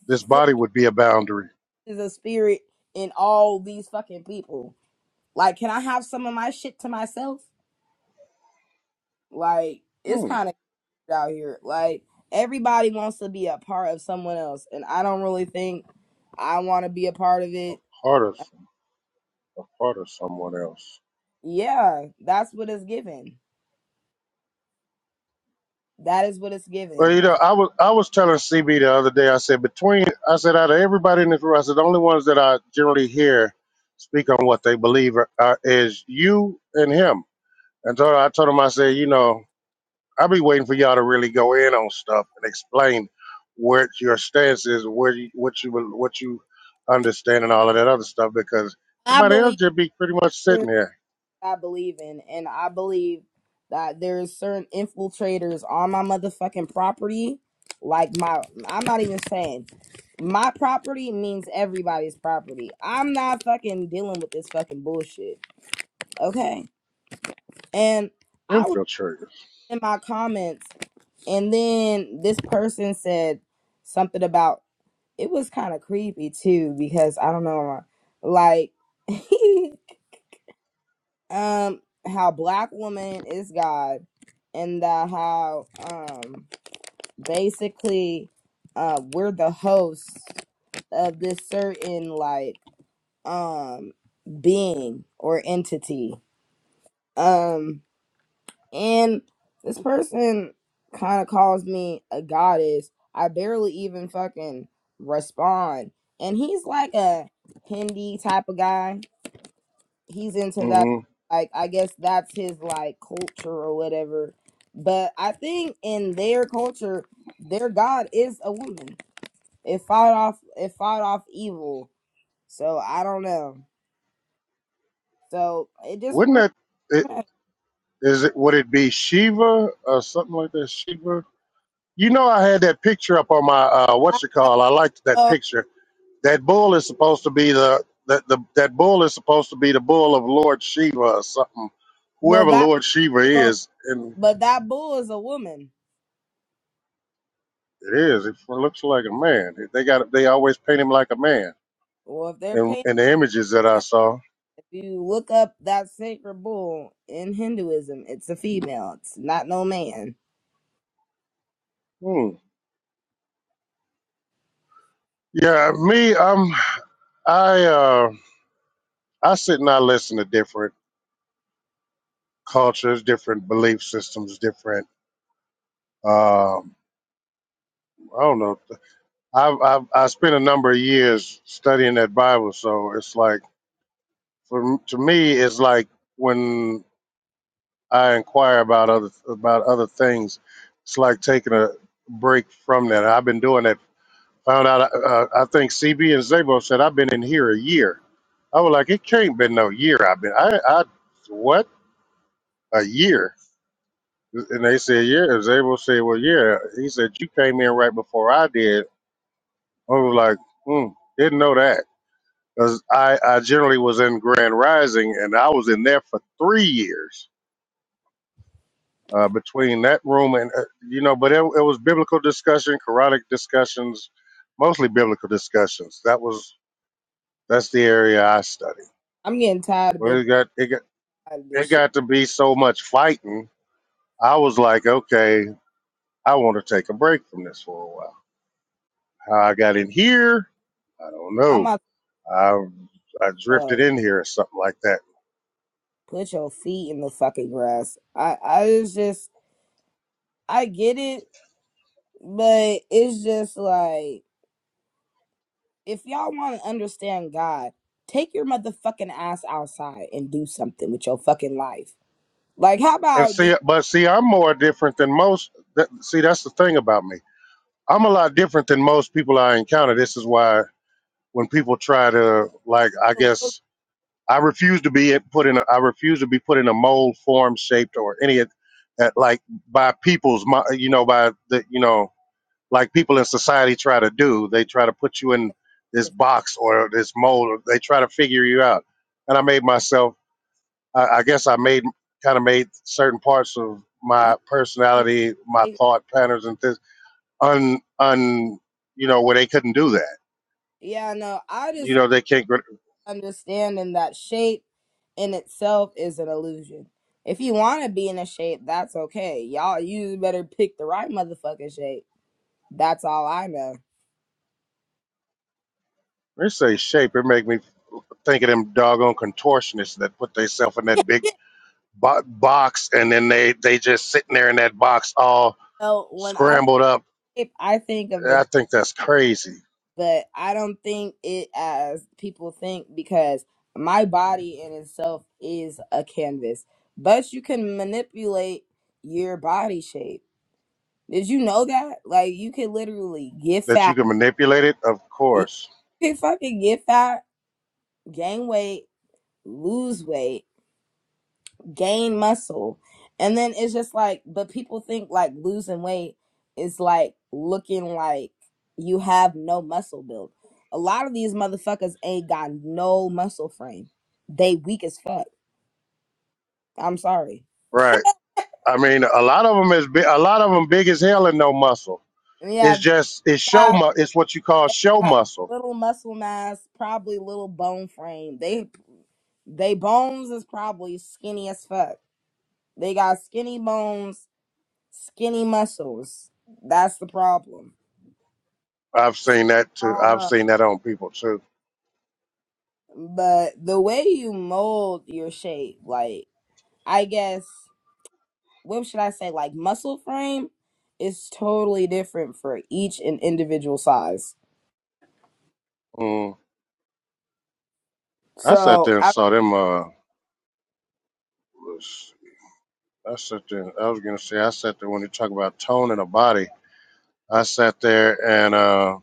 S2: this body would be a boundary.
S3: foolishness of spirit in all these fucking people. Like, can I have some of my shit to myself? Like, it's
S2: Hmm.
S3: kind of out here. Like, everybody wants to be a part of someone else, and I don't really think I want to be a part of
S2: A
S3: it.
S2: part of a part of someone else.
S3: Yeah, that's what it's given. That is what it's
S2: Well,
S3: given.
S2: you know, I was I was telling CB the other day. I said between I said out of everybody in this room, I said the only ones that I generally hear speak on what they believe are, are, is you and him. And so I told him I said, you know. I'll be waiting for y'all to really go in on stuff and explain what your stance is, where you, what you what you understand, and all of that other stuff. Because
S3: I
S2: everybody else
S3: believe
S2: just be pretty much
S3: in
S2: sitting
S3: what
S2: there
S3: I believe in, and I believe that there's certain infiltrators on my motherfucking property. Like my, I'm not even saying my property means everybody's property. I'm not fucking dealing with this fucking bullshit. Okay, and I was
S2: infiltrators.
S3: in my comments, and then this person said something about it was kind of creepy too because I don't know, like. um how black woman is God and that how um basically uh we're the hosts of this certain like um being or entity. Um and this person kind of calls me a goddess. I barely even fucking respond. And he's like a Hindi type of guy he's into that
S2: hmm
S3: like i guess that's his like culture or whatever but i think in their culture their god is a woman it fought off it fought off evil so i don't know so it just
S2: Wouldn't
S3: really
S2: that it, is it? Would it be Shiva or something like that? Shiva. You know, I had that picture up on my uh,
S3: I
S2: what's it called? I liked
S3: don't
S2: that
S3: know.
S2: picture. That bull is supposed to be the that the that bull is supposed to be the bull of Lord Shiva or something.
S3: well
S2: Whoever
S3: that
S2: Lord Shiva is, and
S3: but that bull is a woman
S2: It is. It looks like a man. They got. They always paint him like a man.
S3: well if they're
S2: And
S3: paying
S2: in in the images that I saw.
S3: if you look up that sacred bull in hinduism it's a female it's not no man
S2: Hmm. Yeah, me. Um, I uh, I sit and I listen to different cultures, different belief systems, different. Um, I don't know. I've, I've I spent a number of years studying that Bible, so it's like for to me, it's like when I inquire about other about other things, it's like taking a break from that. I've been doing that Found out, uh, uh, I think CB and Zabo said, I've been in here a year. I was like, it can't been no year. I've been, I, I, what? A year. And they said, yeah. And Zabo said, well, yeah. He said, you came in right before I did. I was like, hmm, didn't know that. Because I, I generally was in Grand Rising and I was in there for three years uh, between that room and, uh, you know, but it, it was biblical discussion, Quranic discussions, mostly biblical discussions. That was, that's the area I studied.
S3: i'm getting tired of
S2: Well, it
S3: biblical
S2: got it got it
S3: this shit
S2: got to be so much fighting. I was like, okay, I want to take a break from this for a while. How I got in here, I don't
S3: i'm
S2: know.
S3: out
S2: I I drifted in here or something like that.
S3: put your feet in the fucking grass. I I was just I get it, but it's just like if y'all want to understand God, take your motherfucking ass outside and do something with your fucking life. Like how
S2: And
S3: about do
S2: see, but see, I'm more different than most. That, see, that's the thing about me. I'm a lot different than most people I encounter. This is why when people try to like, I
S3: the will
S2: guess I refuse to be put in. A, I refuse to be put in a mold, form, shaped, or any of that, like by people's, mi- you know, by the, you know, like people in society try to do. They try to put you in this
S3: if
S2: box or this mold. Or they try to figure you out. And I made myself. I, I guess I made kind of made certain parts of
S3: you
S2: my
S3: can
S2: personality, my
S3: make-
S2: thought patterns, and this un un, you know, where they couldn't do that.
S3: yeah, no, I
S2: You
S3: just
S2: know, they can't. gr-
S3: understanding that shape in itself is an illusion. If you want to be in a shape, that's okay. Y'all, you better pick the right motherfucking shape. That's all I know.
S2: They say shape. It make me think of them doggone contortionists that put themselves in that big bo- box and then they they just sitting there in that box all
S3: So when I
S2: scrambled up.
S3: shape, I think of the,
S2: I think that's crazy
S3: but I don't think it as people think because my body in itself is a canvas. But you can manipulate your body shape. Did you know that? Like you can literally get
S2: that you
S3: fat.
S2: can manipulate it. Of
S3: You
S2: course,
S3: can fucking get fat, gain weight, lose weight, gain muscle. And then it's just like, but people think like losing weight is like looking like you have no muscle build. A lot of these motherfuckers ain't got no muscle frame. They weak as fuck. I'm sorry.
S2: right? I mean, a lot of them is big, a lot of them big as hell and no muscle.
S3: Yeah,
S2: It's
S3: they
S2: just it's show
S3: got,
S2: mu- it's what you call show
S3: got
S2: muscle.
S3: little muscle mass, probably little bone frame. They they bones is probably skinny as fuck. They got skinny bones, skinny muscles. That's the problem.
S2: I've
S3: So,
S2: seen that
S3: I
S2: too.
S3: don't
S2: I've
S3: know.
S2: seen that on people too.
S3: But the way you mold your shape, like I guess what should I say, like muscle frame is totally different for each and individual size.
S2: Mm. I sat
S3: So
S2: there and
S3: I
S2: saw them. Uh, I sat there. I was gonna say I sat there when you talk about tone in a body. I sat there and uh,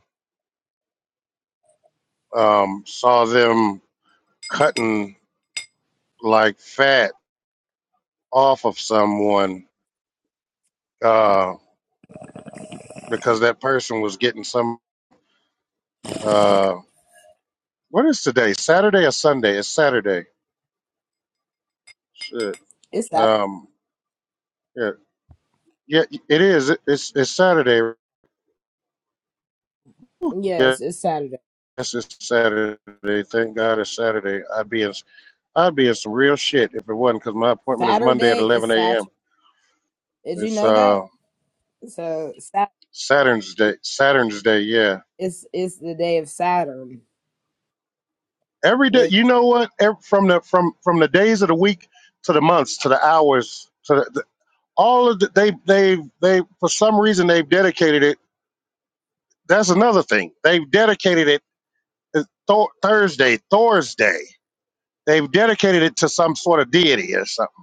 S2: um, saw them cutting like fat off of someone uh, because that person was getting some. Uh, what is today? Saturday or Sunday? It's Saturday. Shit.
S3: it's that
S2: Um, yeah, yeah, it is. It's it's Saturday. Yes,
S3: yes, it's Saturday.
S2: it's Saturday. Thank God it's Saturday. I'd be in I'd be in some real shit if it wasn't because my appointment is Monday at
S3: Saturday is
S2: 11 a.m.
S3: Saturn. Did you
S2: It's
S3: know that?
S2: uh
S3: So Sat
S2: Saturn's day. Saturn's day. Yeah
S3: is is the day of Saturn.
S2: every day
S3: with
S2: you know what Ev- from the from from the days of the week to the months to the hours to the, the- all of the, they they they for some reason they've dedicated it that's another thing they've dedicated it to Thor thursday thursday they've dedicated it to some sort of deity or something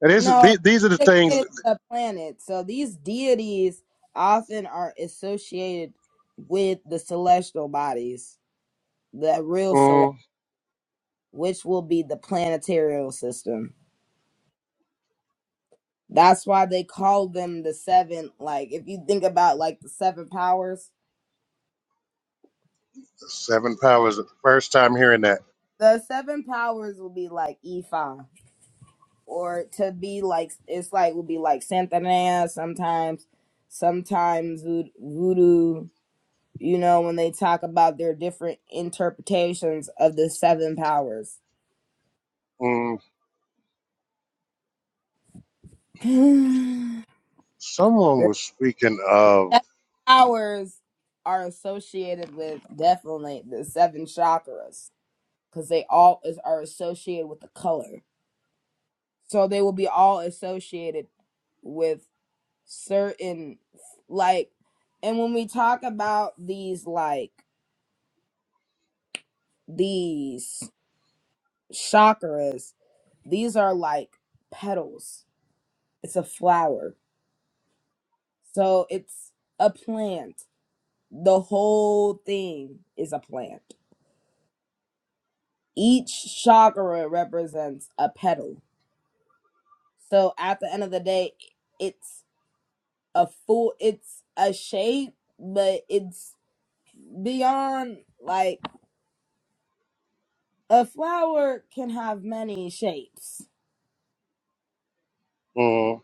S2: and this, is-
S3: no
S2: the- these are the
S3: it's
S2: things
S3: dedicated to the planet. So these deities often are associated with the celestial bodies, the real celestial,
S2: mm,
S3: which will be the planetarial system. That's why they call them the seven. Like, if you think about like the seven powers,
S2: the seven powers the first time hearing that
S3: the seven powers will be like Ifa, or to be like it's like will be like Santana sometimes, sometimes Vood- voodoo. You know when they talk about their different interpretations of the seven powers.
S2: mm,
S3: the
S2: someone was speaking of
S3: seven powers are associated with definitely the seven chakras because they all is, are associated with the color. So they will be all associated with certain like and when we talk about these like these chakras, these are like petals. It's a flower. So it's a plant. The whole thing is a plant. Each chakra represents a petal. So at the end of the day, it's a full it's a shape, but it's beyond like a flower can have many shapes.
S2: mm,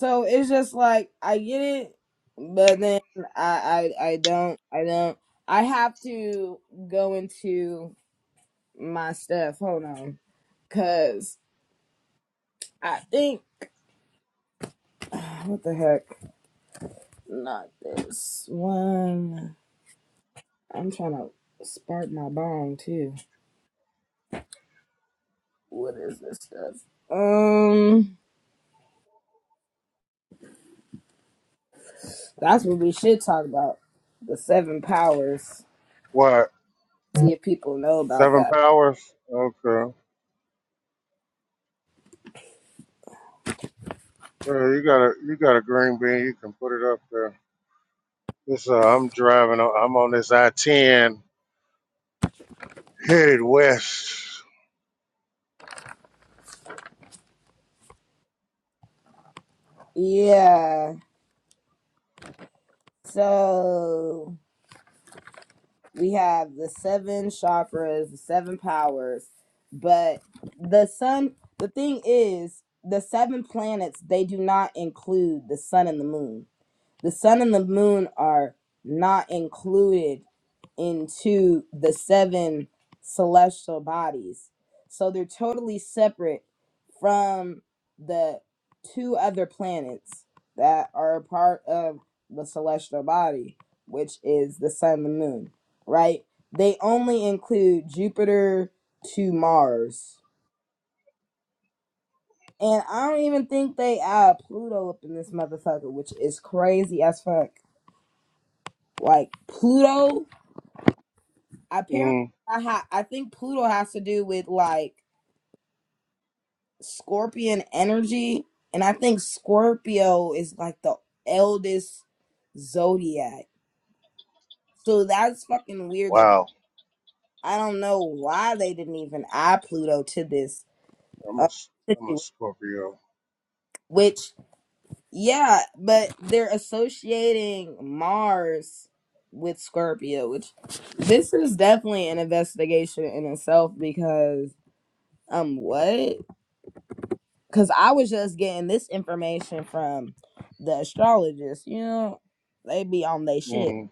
S3: So it's just like I get it, but then I I, I don't I don't I have to go into my stuff. Hold on, cause I think what the heck? Not this one. I'm trying to spark my bong too. What is this stuff? Um. That's what we should talk about. The seven powers.
S2: what
S3: See if people know about
S2: seven
S3: that.
S2: powers okay Uh, you got a you got a green bean. You can put it up there. This uh, I'm driving. on- I'm on this I-10 headed west.
S3: Yeah. So we have the seven chakras, the seven powers, but the sun, the thing is, the seven planets, they do not include the sun and the moon. The sun and the moon are not included into the seven celestial bodies. So they're totally separate from the two other planets that are a part of the celestial body, which is the sun and the moon, right? They only include Jupiter to Mars. And I don't even think they add Pluto up in this motherfucker, which is crazy as fuck. Like Pluto, apparently,
S2: Mm,
S3: I ha- I think Pluto has to do with like Scorpion energy, and I think Scorpio is like the eldest zodiac. So that's fucking weird. That
S2: wow,
S3: I don't know why they didn't even add Pluto to this
S2: I'm a
S3: uh,
S2: s- I'm a
S3: situation.
S2: Scorpio.
S3: Which, yeah, but they're associating Mars with Scorpio, which this is definitely an investigation in itself because um what? because I was just getting this information from the astrologist. You know, they be on they shit
S2: Mm,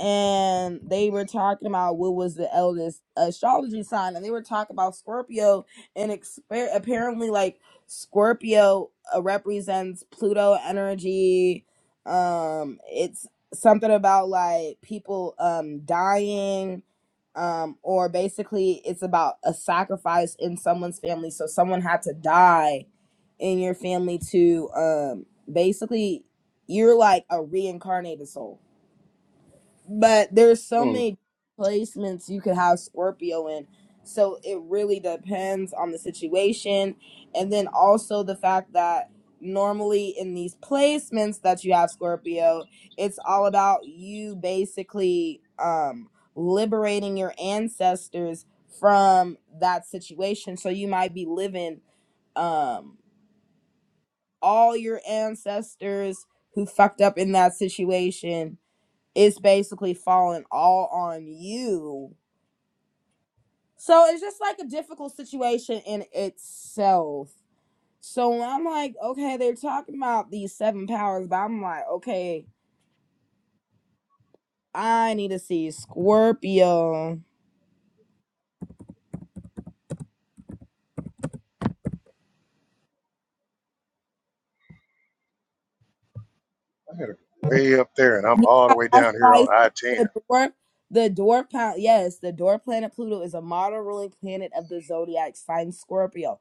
S3: and they were talking about what was the eldest astrology sign, and they were talking about Scorpio, and exper- apparently, like Scorpio uh, represents Pluto energy. Um, it's something about like people um dying, um, or basically, it's about a sacrifice in someone's family. So someone had to die in your family to um basically, you're like a reincarnated soul but there's so
S2: mm,
S3: many placements you could have Scorpio in. So it really depends on the situation. And then also the fact that normally in these placements that you have Scorpio, it's all about you basically um liberating your ancestors from that situation. So you might be living um all your ancestors who fucked up in that situation it's basically falling all on you. So it's just like a difficult situation in itself. So I'm like, okay, they're talking about these seven powers, but I'm like, okay, I need to see Scorpio.
S2: I had it way up there, and I'm all
S3: Yeah,
S2: the way
S3: that's
S2: down here
S3: why
S2: on
S3: I
S2: I-10.
S3: said the dwarf, the dwarf planet. Yes, the dwarf planet Pluto is a model ruling planet of the zodiac sign Scorpio.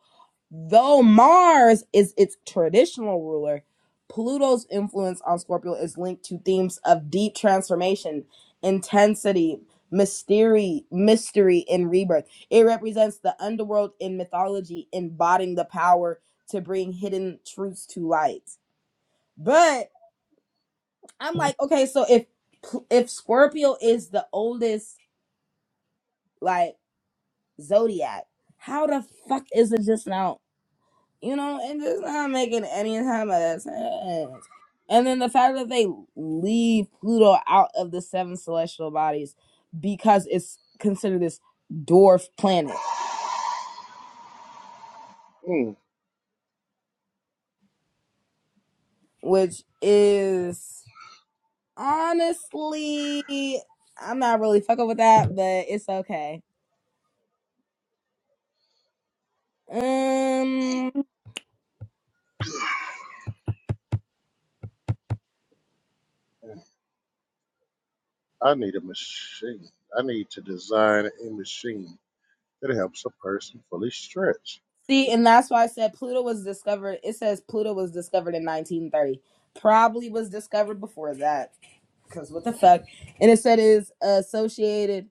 S3: Though Mars is its traditional ruler, Pluto's influence on Scorpio is linked to themes of deep transformation, intensity, mystery, mystery, and rebirth. It represents the underworld in mythology, embodying the power to bring hidden truths to light. But I'm like, okay, so if if Scorpio is the oldest like zodiac, how the fuck is it just now you know, and just not making any time of that sense. And then the fact that they leave Pluto out of the seven celestial bodies because it's considered this dwarf planet,
S2: Mm,
S3: which is honestly, I'm not really fucking with that, but it's okay. Um,
S2: I need a machine. I need to design a machine that helps a person fully stretch.
S3: see, and that's why I said Pluto was discovered. It says Pluto was discovered in 1930. Probably was discovered before that Cause what the fuck? And it said is associated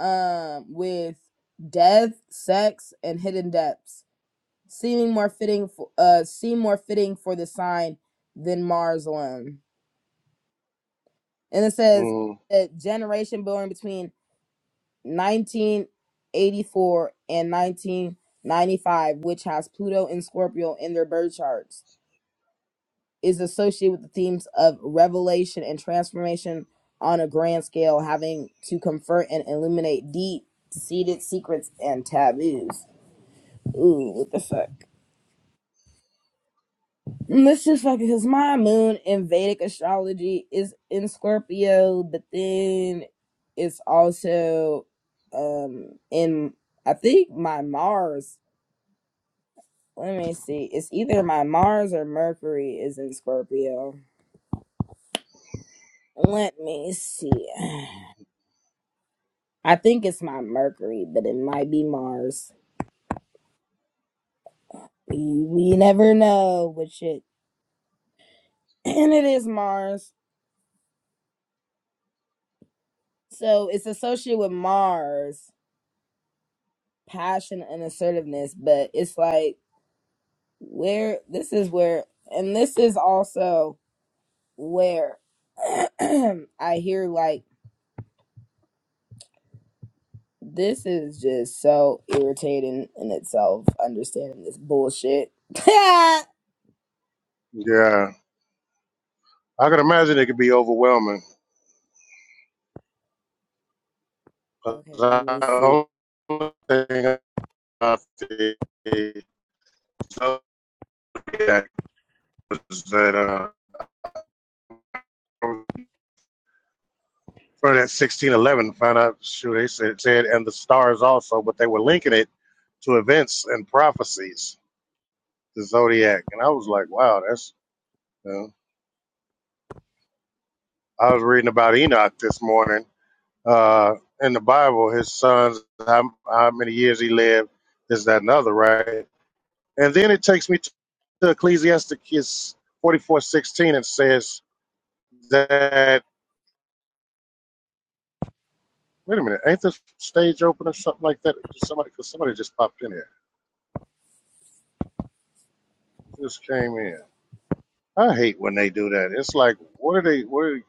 S3: um with death, sex, and hidden depths, seeming more fitting for uh seem more fitting for the sign than Mars alone. And it says
S2: Mm,
S3: that generation born between 1984 and 1995, which has Pluto and Scorpio in their birth charts. is associated with the themes of revelation and transformation on a grand scale, having to confront and illuminate deep seated secrets and taboos. Ooh, what the fuck? Let's just fuck it, because my moon in Vedic astrology is in Scorpio, but then it's also um in I think my Mars. Let me see. It's either my Mars or Mercury is in Scorpio. Let me see. I think it's not Mercury, but it might be Mars. We, we never know which shit. And it is Mars. So it's associated with Mars, passion and assertiveness, but it's like where this is where and this is also where I hear like this is just so irritating in itself understanding this bullshit. okay,
S2: yeah, I can imagine it could be overwhelming. 'cause
S3: let me see.
S2: I- the only thing off the that was that uh from that sixteen eleven found out shoot they said, said and the stars also, but they were linking it to events and prophecies, the zodiac, and I was like, wow, that's. You know, I was reading about Enoch this morning uh, in the Bible, his sons, how, how many years he lived, this, that, and the other, right? And then it takes me to Ecclesiastes 44:16 and says that Wait a minute, ain't this stage open or something like that? Somebody, cause somebody just popped in here. Who Just came in. I hate when they do that. It's like, what do they? What do they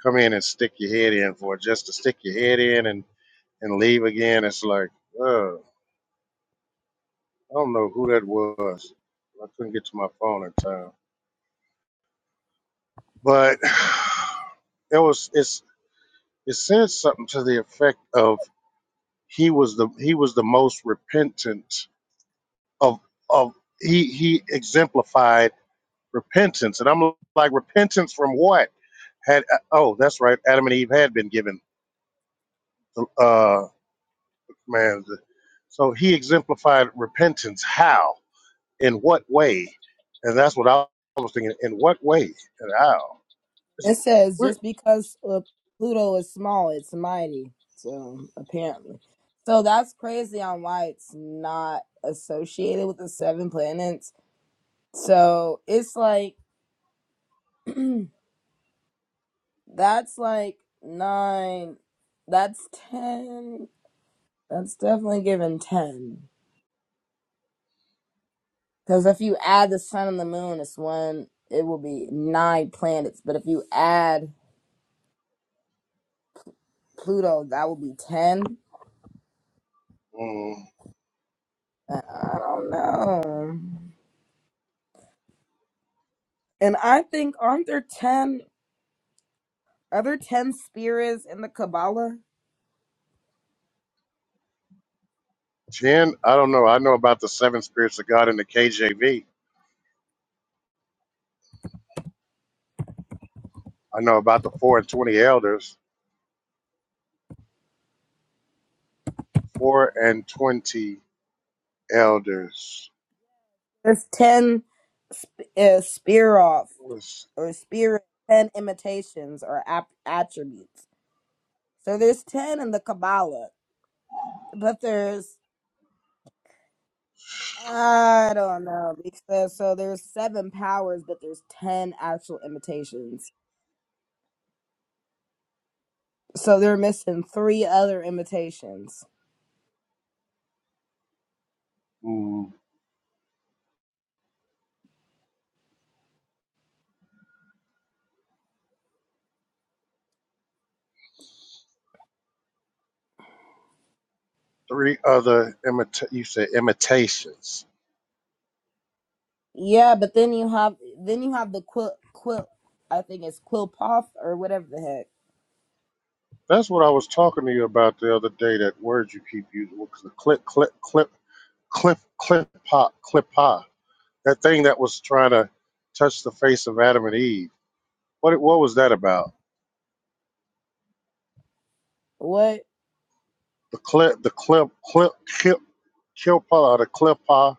S2: come in and stick your head in for? Just to stick your head in and and leave again? It's like, uh, I don't know who that was. I couldn't get to my phone in time. But it was. It's. It said something to the effect of he was the he was the most repentant of of he he exemplified repentance. And I'm like, repentance from what? Had uh, oh, that's right. Adam and Eve had been given. Uh, man, so he exemplified repentance. How? In what way? And that's what I was thinking. In what way? And how? Is it,
S3: It says
S2: where,
S3: just because uh, Pluto is small, it's mighty. So apparently, so that's crazy on why it's not associated with the seven planets. So it's like that's like nine, that's ten. That's definitely given ten. Because if you add the sun and the moon, it's one. It will be nine planets. But if you add Pluto, that will be ten.
S2: mm,
S3: I I don't know. And I think aren't there ten other ten spirits in the Kabbalah?
S2: Jen, I don't know. I know about the seven spirits of God in the KJV. I know about the four and twenty elders. Four and twenty elders
S3: There's ten uh, spiroff
S2: was.
S3: or spirit ten imitations or ap- attributes. So there's ten in the Kabbalah, but there's I don't know because so there's seven powers, but there's ten actual imitations. So they're missing three other imitations.
S2: three other imita- you said imitations.
S3: Yeah, but then you have then you have the quill quill. I think it's quill or whatever the heck.
S2: That's what I was talking to you about the other day. That word you keep using, what's the clip, clip, clip, clip, clip, pop, clip, pop. That thing that was trying to touch the face of Adam and Eve. What it- what was that about?
S3: What?
S2: The clip, the clip, clip, clip, clip, or the clip, pop.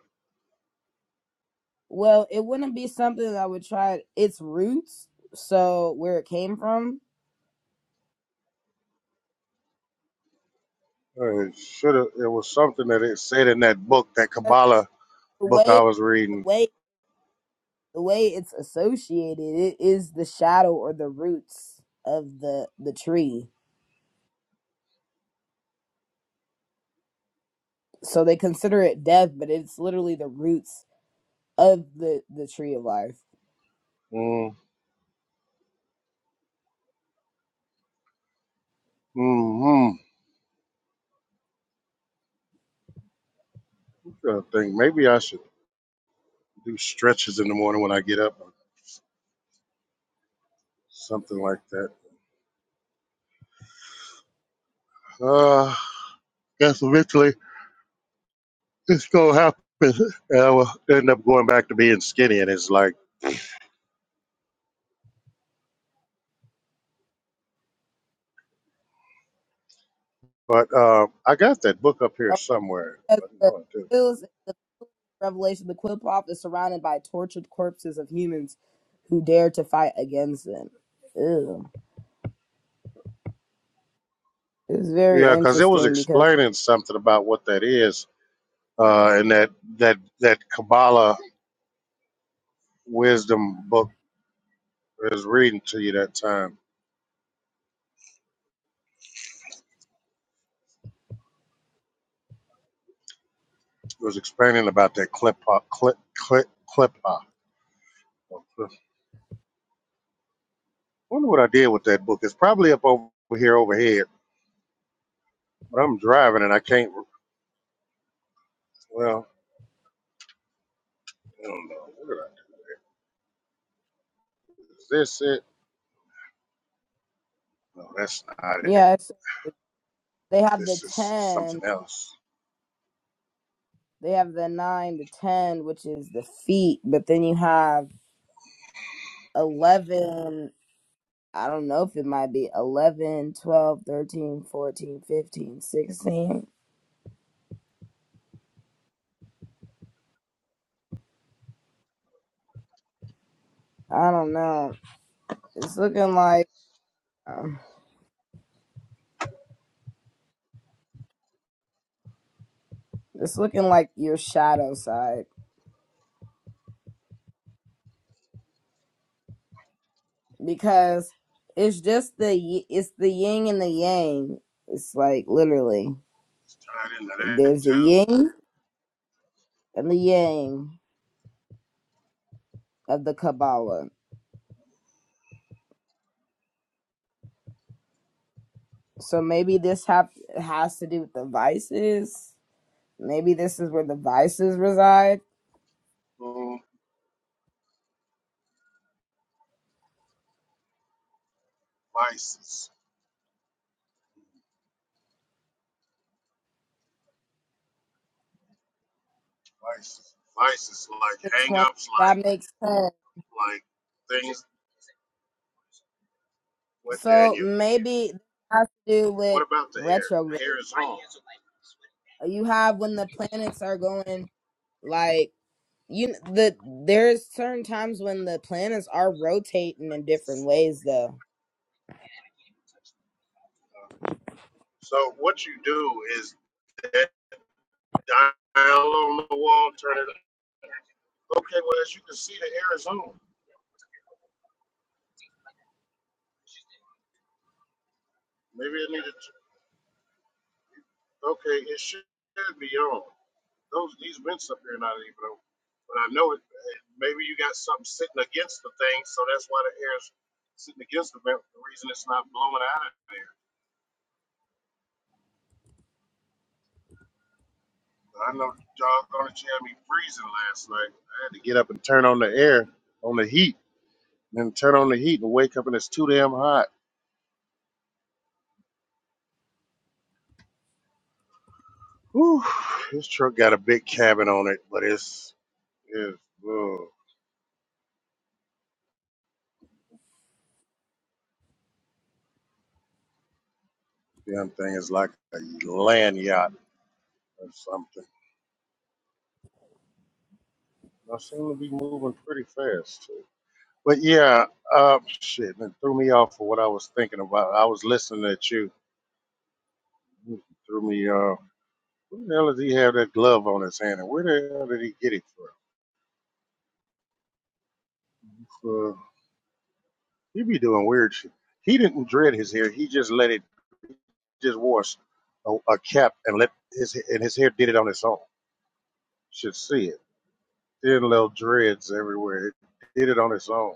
S3: Well, it wouldn't be something that I would try its roots, so where it came from.
S2: It should have. It was something that it said in that book, that
S3: The
S2: Kabbalah book I
S3: way
S2: was
S3: the
S2: reading.
S3: way the way it's associated, it is the shadow or the roots of the the tree. So they consider it death, but it's literally the roots of the the tree of life.
S2: Mm, mm, mm. I think maybe I should do stretches in the morning when I get up. something like that. Uh, I guess eventually it's gonna happen, and I will end up going back to being skinny. And it's like, but uh, I got that book up here
S3: Oh,
S2: somewhere.
S3: as
S2: I
S3: the
S2: know it too.
S3: reveals in Revelation, the Quill pop is surrounded by tortured corpses of humans who dare to fight against them. Ew. It's very
S2: Yeah, because it was
S3: interesting because
S2: explaining something about what that is, uh, and that that that Kabbalah wisdom book I was reading to you that time was explaining about that clipa, clip, clip, clipa. Wonder what I did with that book. It's probably up over here overhead, but I'm driving and I can't. Well, I don't know. What did I do? Is this it? No, that's not it.
S3: yeah, They have the
S2: This is something
S3: 10,
S2: else.
S3: they have the 9, the 10, which is the feet, but then you have 11, I don't know if it might be eleven, twelve, thirteen, fourteen, fifteen, sixteen. I don't know. It's looking like um, it's looking like your shadow side because it's just the y- it's the yin and the yang. It's like literally
S2: It's tied into that
S3: there's the
S2: too.
S3: yin and the yang of the Kabbalah So maybe this have has to do with the vices. Maybe this is where the vices reside.
S2: Mm, vices, vices, vices like
S3: The twenty
S2: hangups, like
S3: that makes sense.
S2: like things. What
S3: So
S2: Daniel?
S3: maybe this has to do
S2: What
S3: with
S2: about the hair?
S3: retrograde.
S2: Hair is on.
S3: You have when the planets are going like you kn- the there's certain times when the planets are rotating in different ways though.
S2: So what you do is that dial on the wall, turn it. Okay, well as you can see, the air is on. Maybe it needed. To, okay, it should be on. those these vents up here are not even over. But I know it. it- Maybe you got something sitting against the thing, so that's why the air's sitting against the vent. The reason it's not blowing out of there. But I know y'all gonna had me freezing last night. I had to get up and turn on the air, on the heat, and then turn on the heat and wake up and it's too damn hot. Whew, this truck got a big cabin on it, but it's it's ugh, damn thing is like a land yacht or something. I seem to be moving pretty fast. But yeah, uh, shit, it threw me off for what I was thinking about. I was listening at you. It Threw me. Uh, where the hell does he have that glove on his hand, and where the hell did he get it from? Uh, he be doing weird shit. He didn't dread his hair. He just let it. Just wore a, a cap and let his and his hair did it on its own. Should see it. Thin little dreads everywhere. It did it on its own.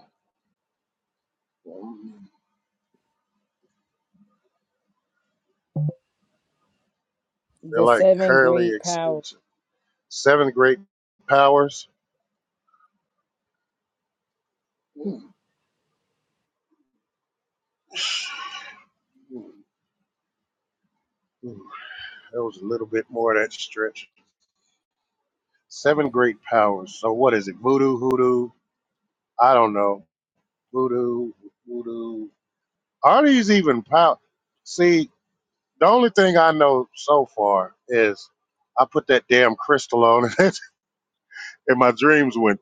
S2: They're
S3: The
S2: like
S3: seven
S2: curly
S3: great powers.
S2: extensions. Seven great powers. Mm-hmm. There was a little bit more of that stretch. Seven great powers. So what is it? Voodoo, hoodoo? I don't know. Voodoo, voodoo. Are these even powers? See, the only thing I know so far is I put that damn crystal on it, and my dreams went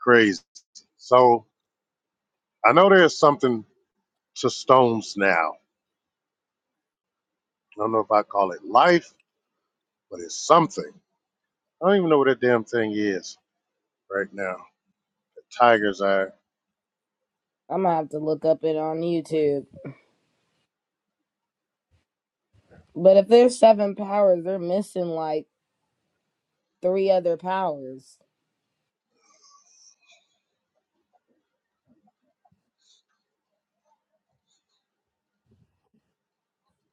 S2: crazy. So I know there's something to stones now. I don't know if I call it life, but it's something. I don't even know what that damn thing is right now. The tigers are.
S3: I'm gonna have to look up it on YouTube. But if there's seven powers, they're missing like three other powers.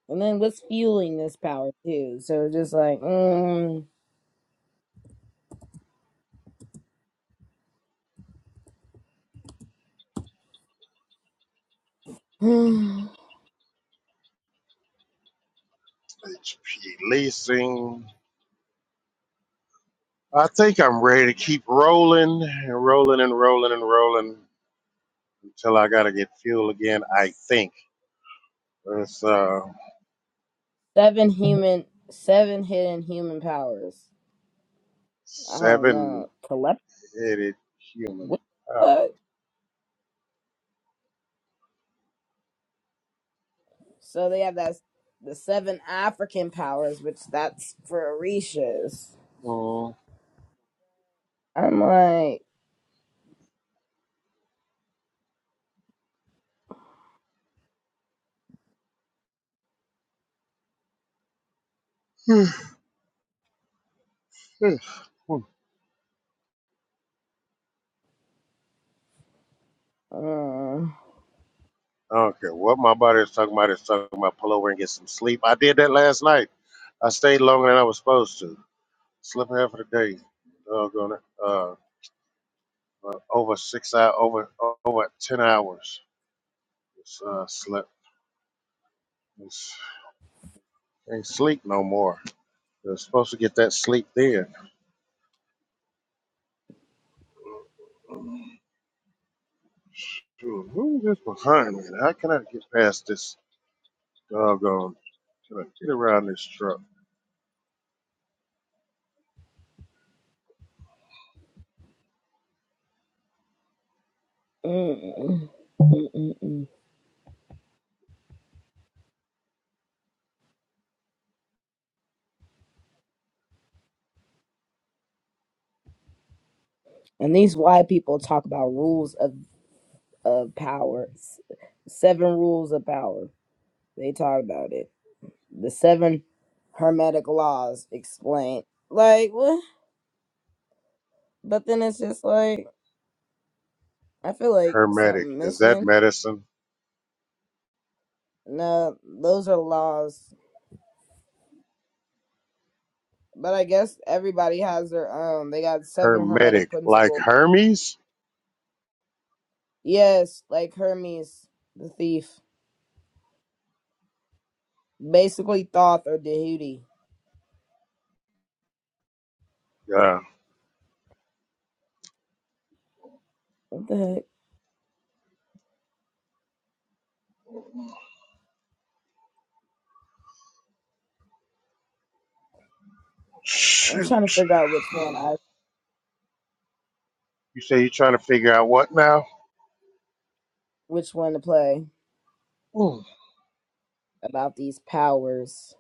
S3: And then what's fueling this power too? So it's just like mm,
S2: It's releasing. I think I'm ready to keep rolling and rolling and rolling and rolling until I gotta get fuel again. I think it's uh
S3: seven human, seven hidden human powers. I don't know.
S2: seven-headed
S3: Collect
S2: human.
S3: what? the fuck? So they have that the seven African powers, which that's for Orishas.
S2: Mm.
S3: I'm like,
S2: I
S3: uh, mm,
S2: don't care what my body is talking about. It's talking about pull over and get some sleep. I did that last night. I stayed longer than I was supposed to. Slept half of the day. Doggone it. Uh, uh, over six hours, over over ten hours. It's, uh, slept. It's, can't sleep no more. They're supposed to get that sleep then. Shoot, who is this behind me? How can I get past this doggone? Can I get around this truck?
S3: mm, mm, mm. and these white people talk about rules of of power, s- seven rules of power. They talk about it. the seven hermetic laws explained. Like, what? But then it's just like, I feel like
S2: Hermetic.
S3: something
S2: Is that
S3: missing.
S2: medicine?
S3: No, those are laws. But I guess everybody has their own. They got seven hermetic
S2: Hermetic. Like
S3: principles.
S2: Hermes?
S3: Yes, like Hermes, the thief. Basically, Thoth or Dehuti.
S2: Yeah.
S3: What the heck? I'm
S2: Shoot.
S3: trying to figure out which one I,
S2: You say you're trying to figure out what now?
S3: which one to play
S2: Mm.
S3: about these powers.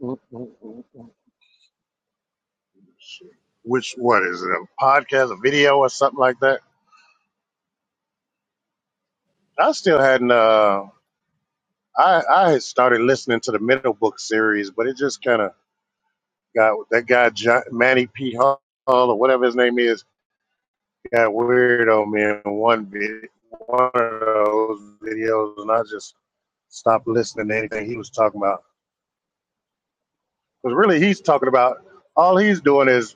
S2: Mm. Shoot. Which what is it? A podcast, a video, or something like that? I still hadn't. Uh, I I had started listening to the Middle Book series, but it just kind of Got that guy John, Manny P. Hall or whatever his name is. Got weirdo man. One video, one of those videos, and I just stopped listening to anything he was talking about. Because really, he's talking about all he's doing is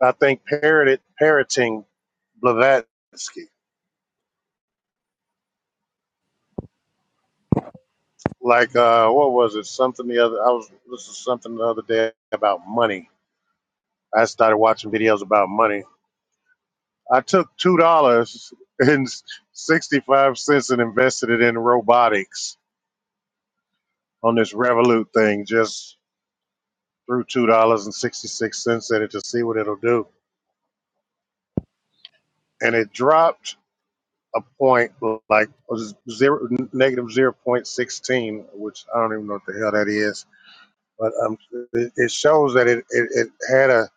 S2: I think parroted parroting Blavatsky. Like uh, what was it? Something the other. I was listening to something the other day about money. I started watching videos about money I took two dollars and sixty five cents and invested it in robotics on this Revolut thing. Just threw two dollars and sixty six cents in it to see what it'll do, and it dropped a point like zero negative zero point sixteen, which I don't even know what the hell that is. But um, it, it shows that it, it it had a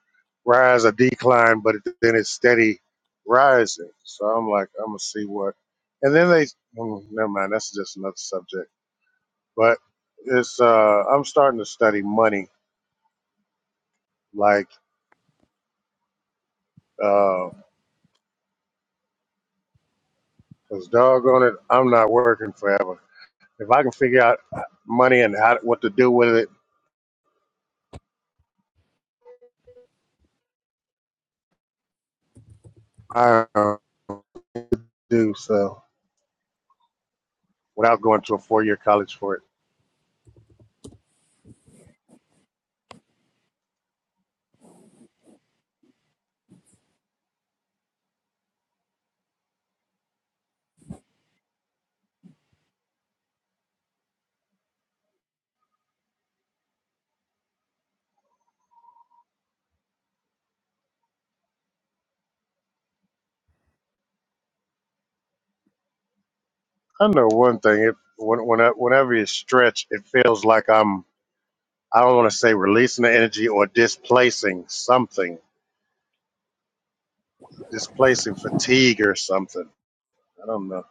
S2: rise, a decline, but it, then it's steady rising. So I'm like, I'm gonna see what. And then they, mm, never mind. That's just another subject But it's uh, I'm starting to study money, like uh, 'cause doggone it, I'm not working forever. If I can figure out uh, money and how what to do with it, I do so without going to a four year college for it. I know one thing: if when, when uh, whenever you stretch, it feels like I'm I don't want to say releasing the energy or displacing something, displacing fatigue or something. I don't know.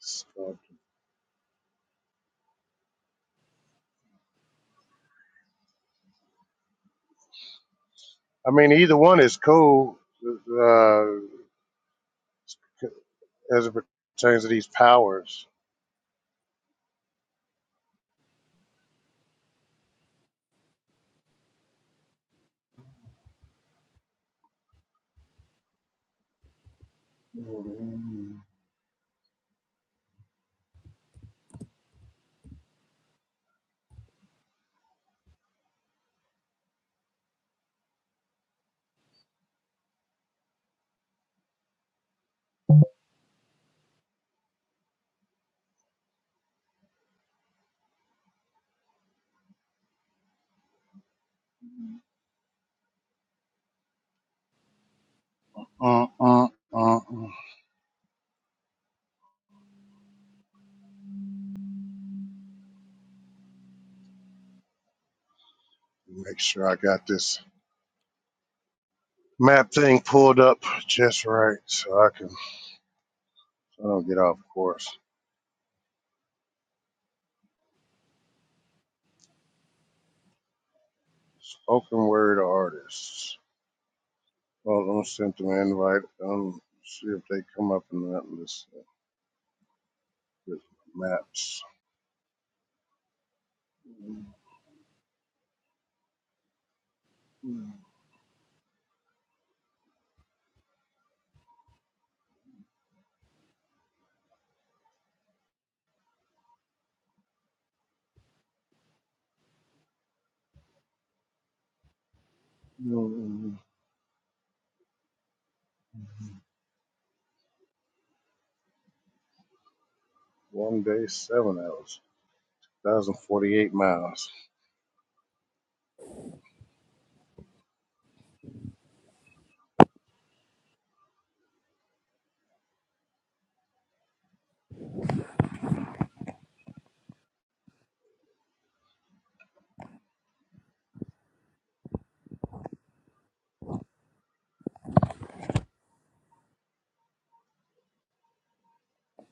S2: So, I mean, either one is cool. Uh, as it pertains to these powers. Uh, uh, uh, uh. Make sure I got this map thing pulled up just right so I can so I don't get off course. Spoken word artists. Well, I'm gonna send them an invite. Um, see if they come up in that list with maps. Mm, One day, seven hours, one thousand forty-eight miles.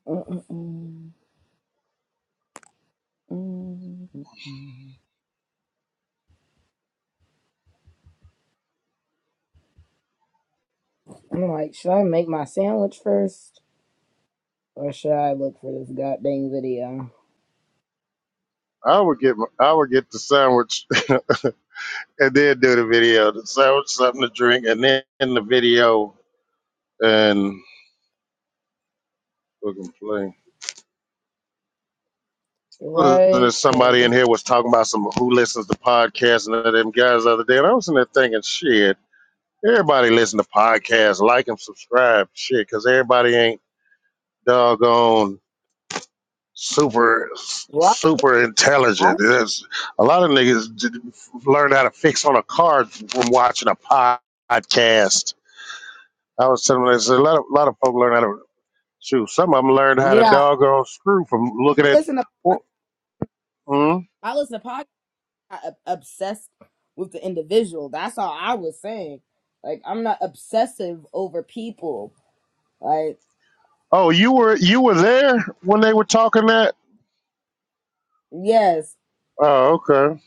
S3: Mm-mm-mm. Mm-mm-mm. I'm like, should I make my sandwich first? Or should I look for this goddamn video?
S2: I would get my, I would get the sandwich. and then do the video. So something to drink, and then in the video, and we can play. Listen, to
S3: Right? Cause
S2: somebody
S3: it's-
S2: in here was talking about some who listens to podcasts and all them guys the other day, and I was in there thinking, shit, everybody listen to podcasts, like and subscribe, shit, because everybody ain't doggone super
S3: well,
S2: super
S3: I, I-
S2: intelligent. There's a lot of niggas d- learn how to fix on a car from watching a podcast. I was telling them, there's a lot of lot of folk learn how to. Shoot, some of them learned how to
S3: yeah,
S2: doggone screw from looking
S3: I
S2: at.
S3: listen to
S2: Mm.
S3: I listen to podcasts. I'm not ob- obsessed with the individual. That's all I was saying. Like I'm not obsessive over people. Like
S2: Oh, you were you were there when they were talking that?
S3: yes,
S2: Oh, okay.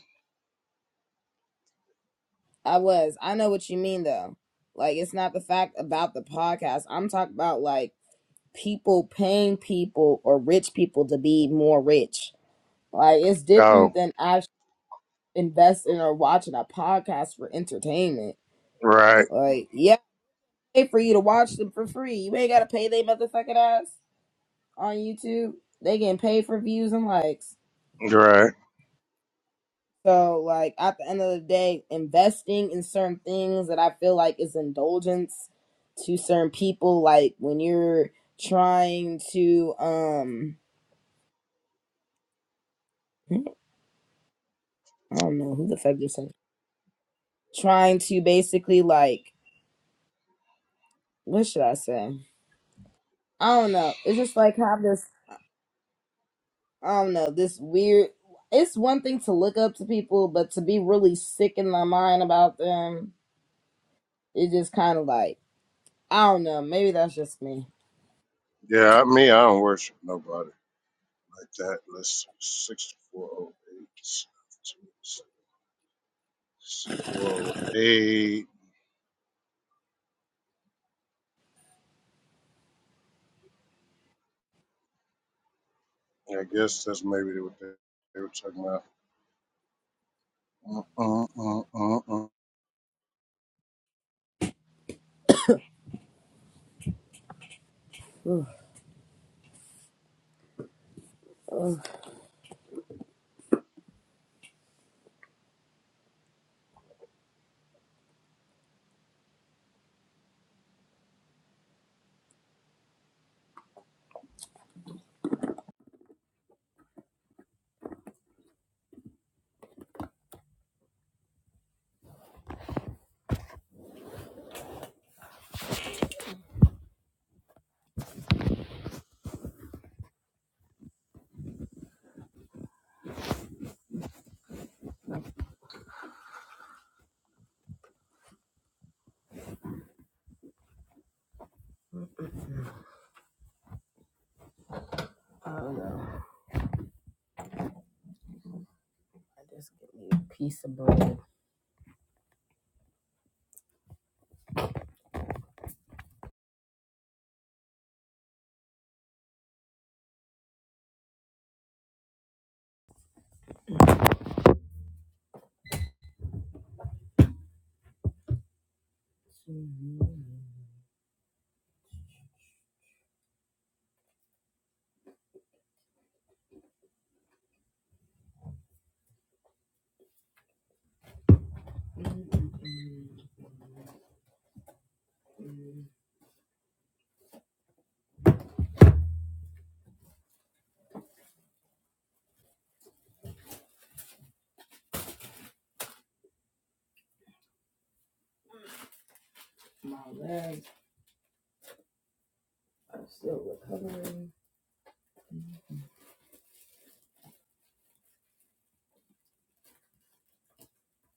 S3: I was. I know what you mean though. Like it's not the fact about the podcast. I'm talking about like people paying people or rich people to be more rich. Like it's different
S2: Oh,
S3: than invest in or watching a podcast for entertainment.
S2: right,
S3: Like, yeah, pay for you to watch them for free. You ain't gotta pay they motherfucking ass on YouTube. They getting paid for views and likes.
S2: right.
S3: So, like, at the end of the day, investing in certain things that I feel like is indulgence to certain people. Like when you're trying to, um, I don't know who the fuck you are saying. Trying to basically like, what should I say? I don't know. It's just like have this I don't know, this weird. It's one thing to look up to people, but to be really sick in my mind about them, it's just kind of like, I don't know. Maybe that's just me.
S2: Yeah, me, I don't worship nobody like that. Let's six four oh eight four oh eight. I guess that's maybe what they, they were talking about. Mm, mm, mm, mm, mm.
S3: I don't know. I just get me a piece of bread.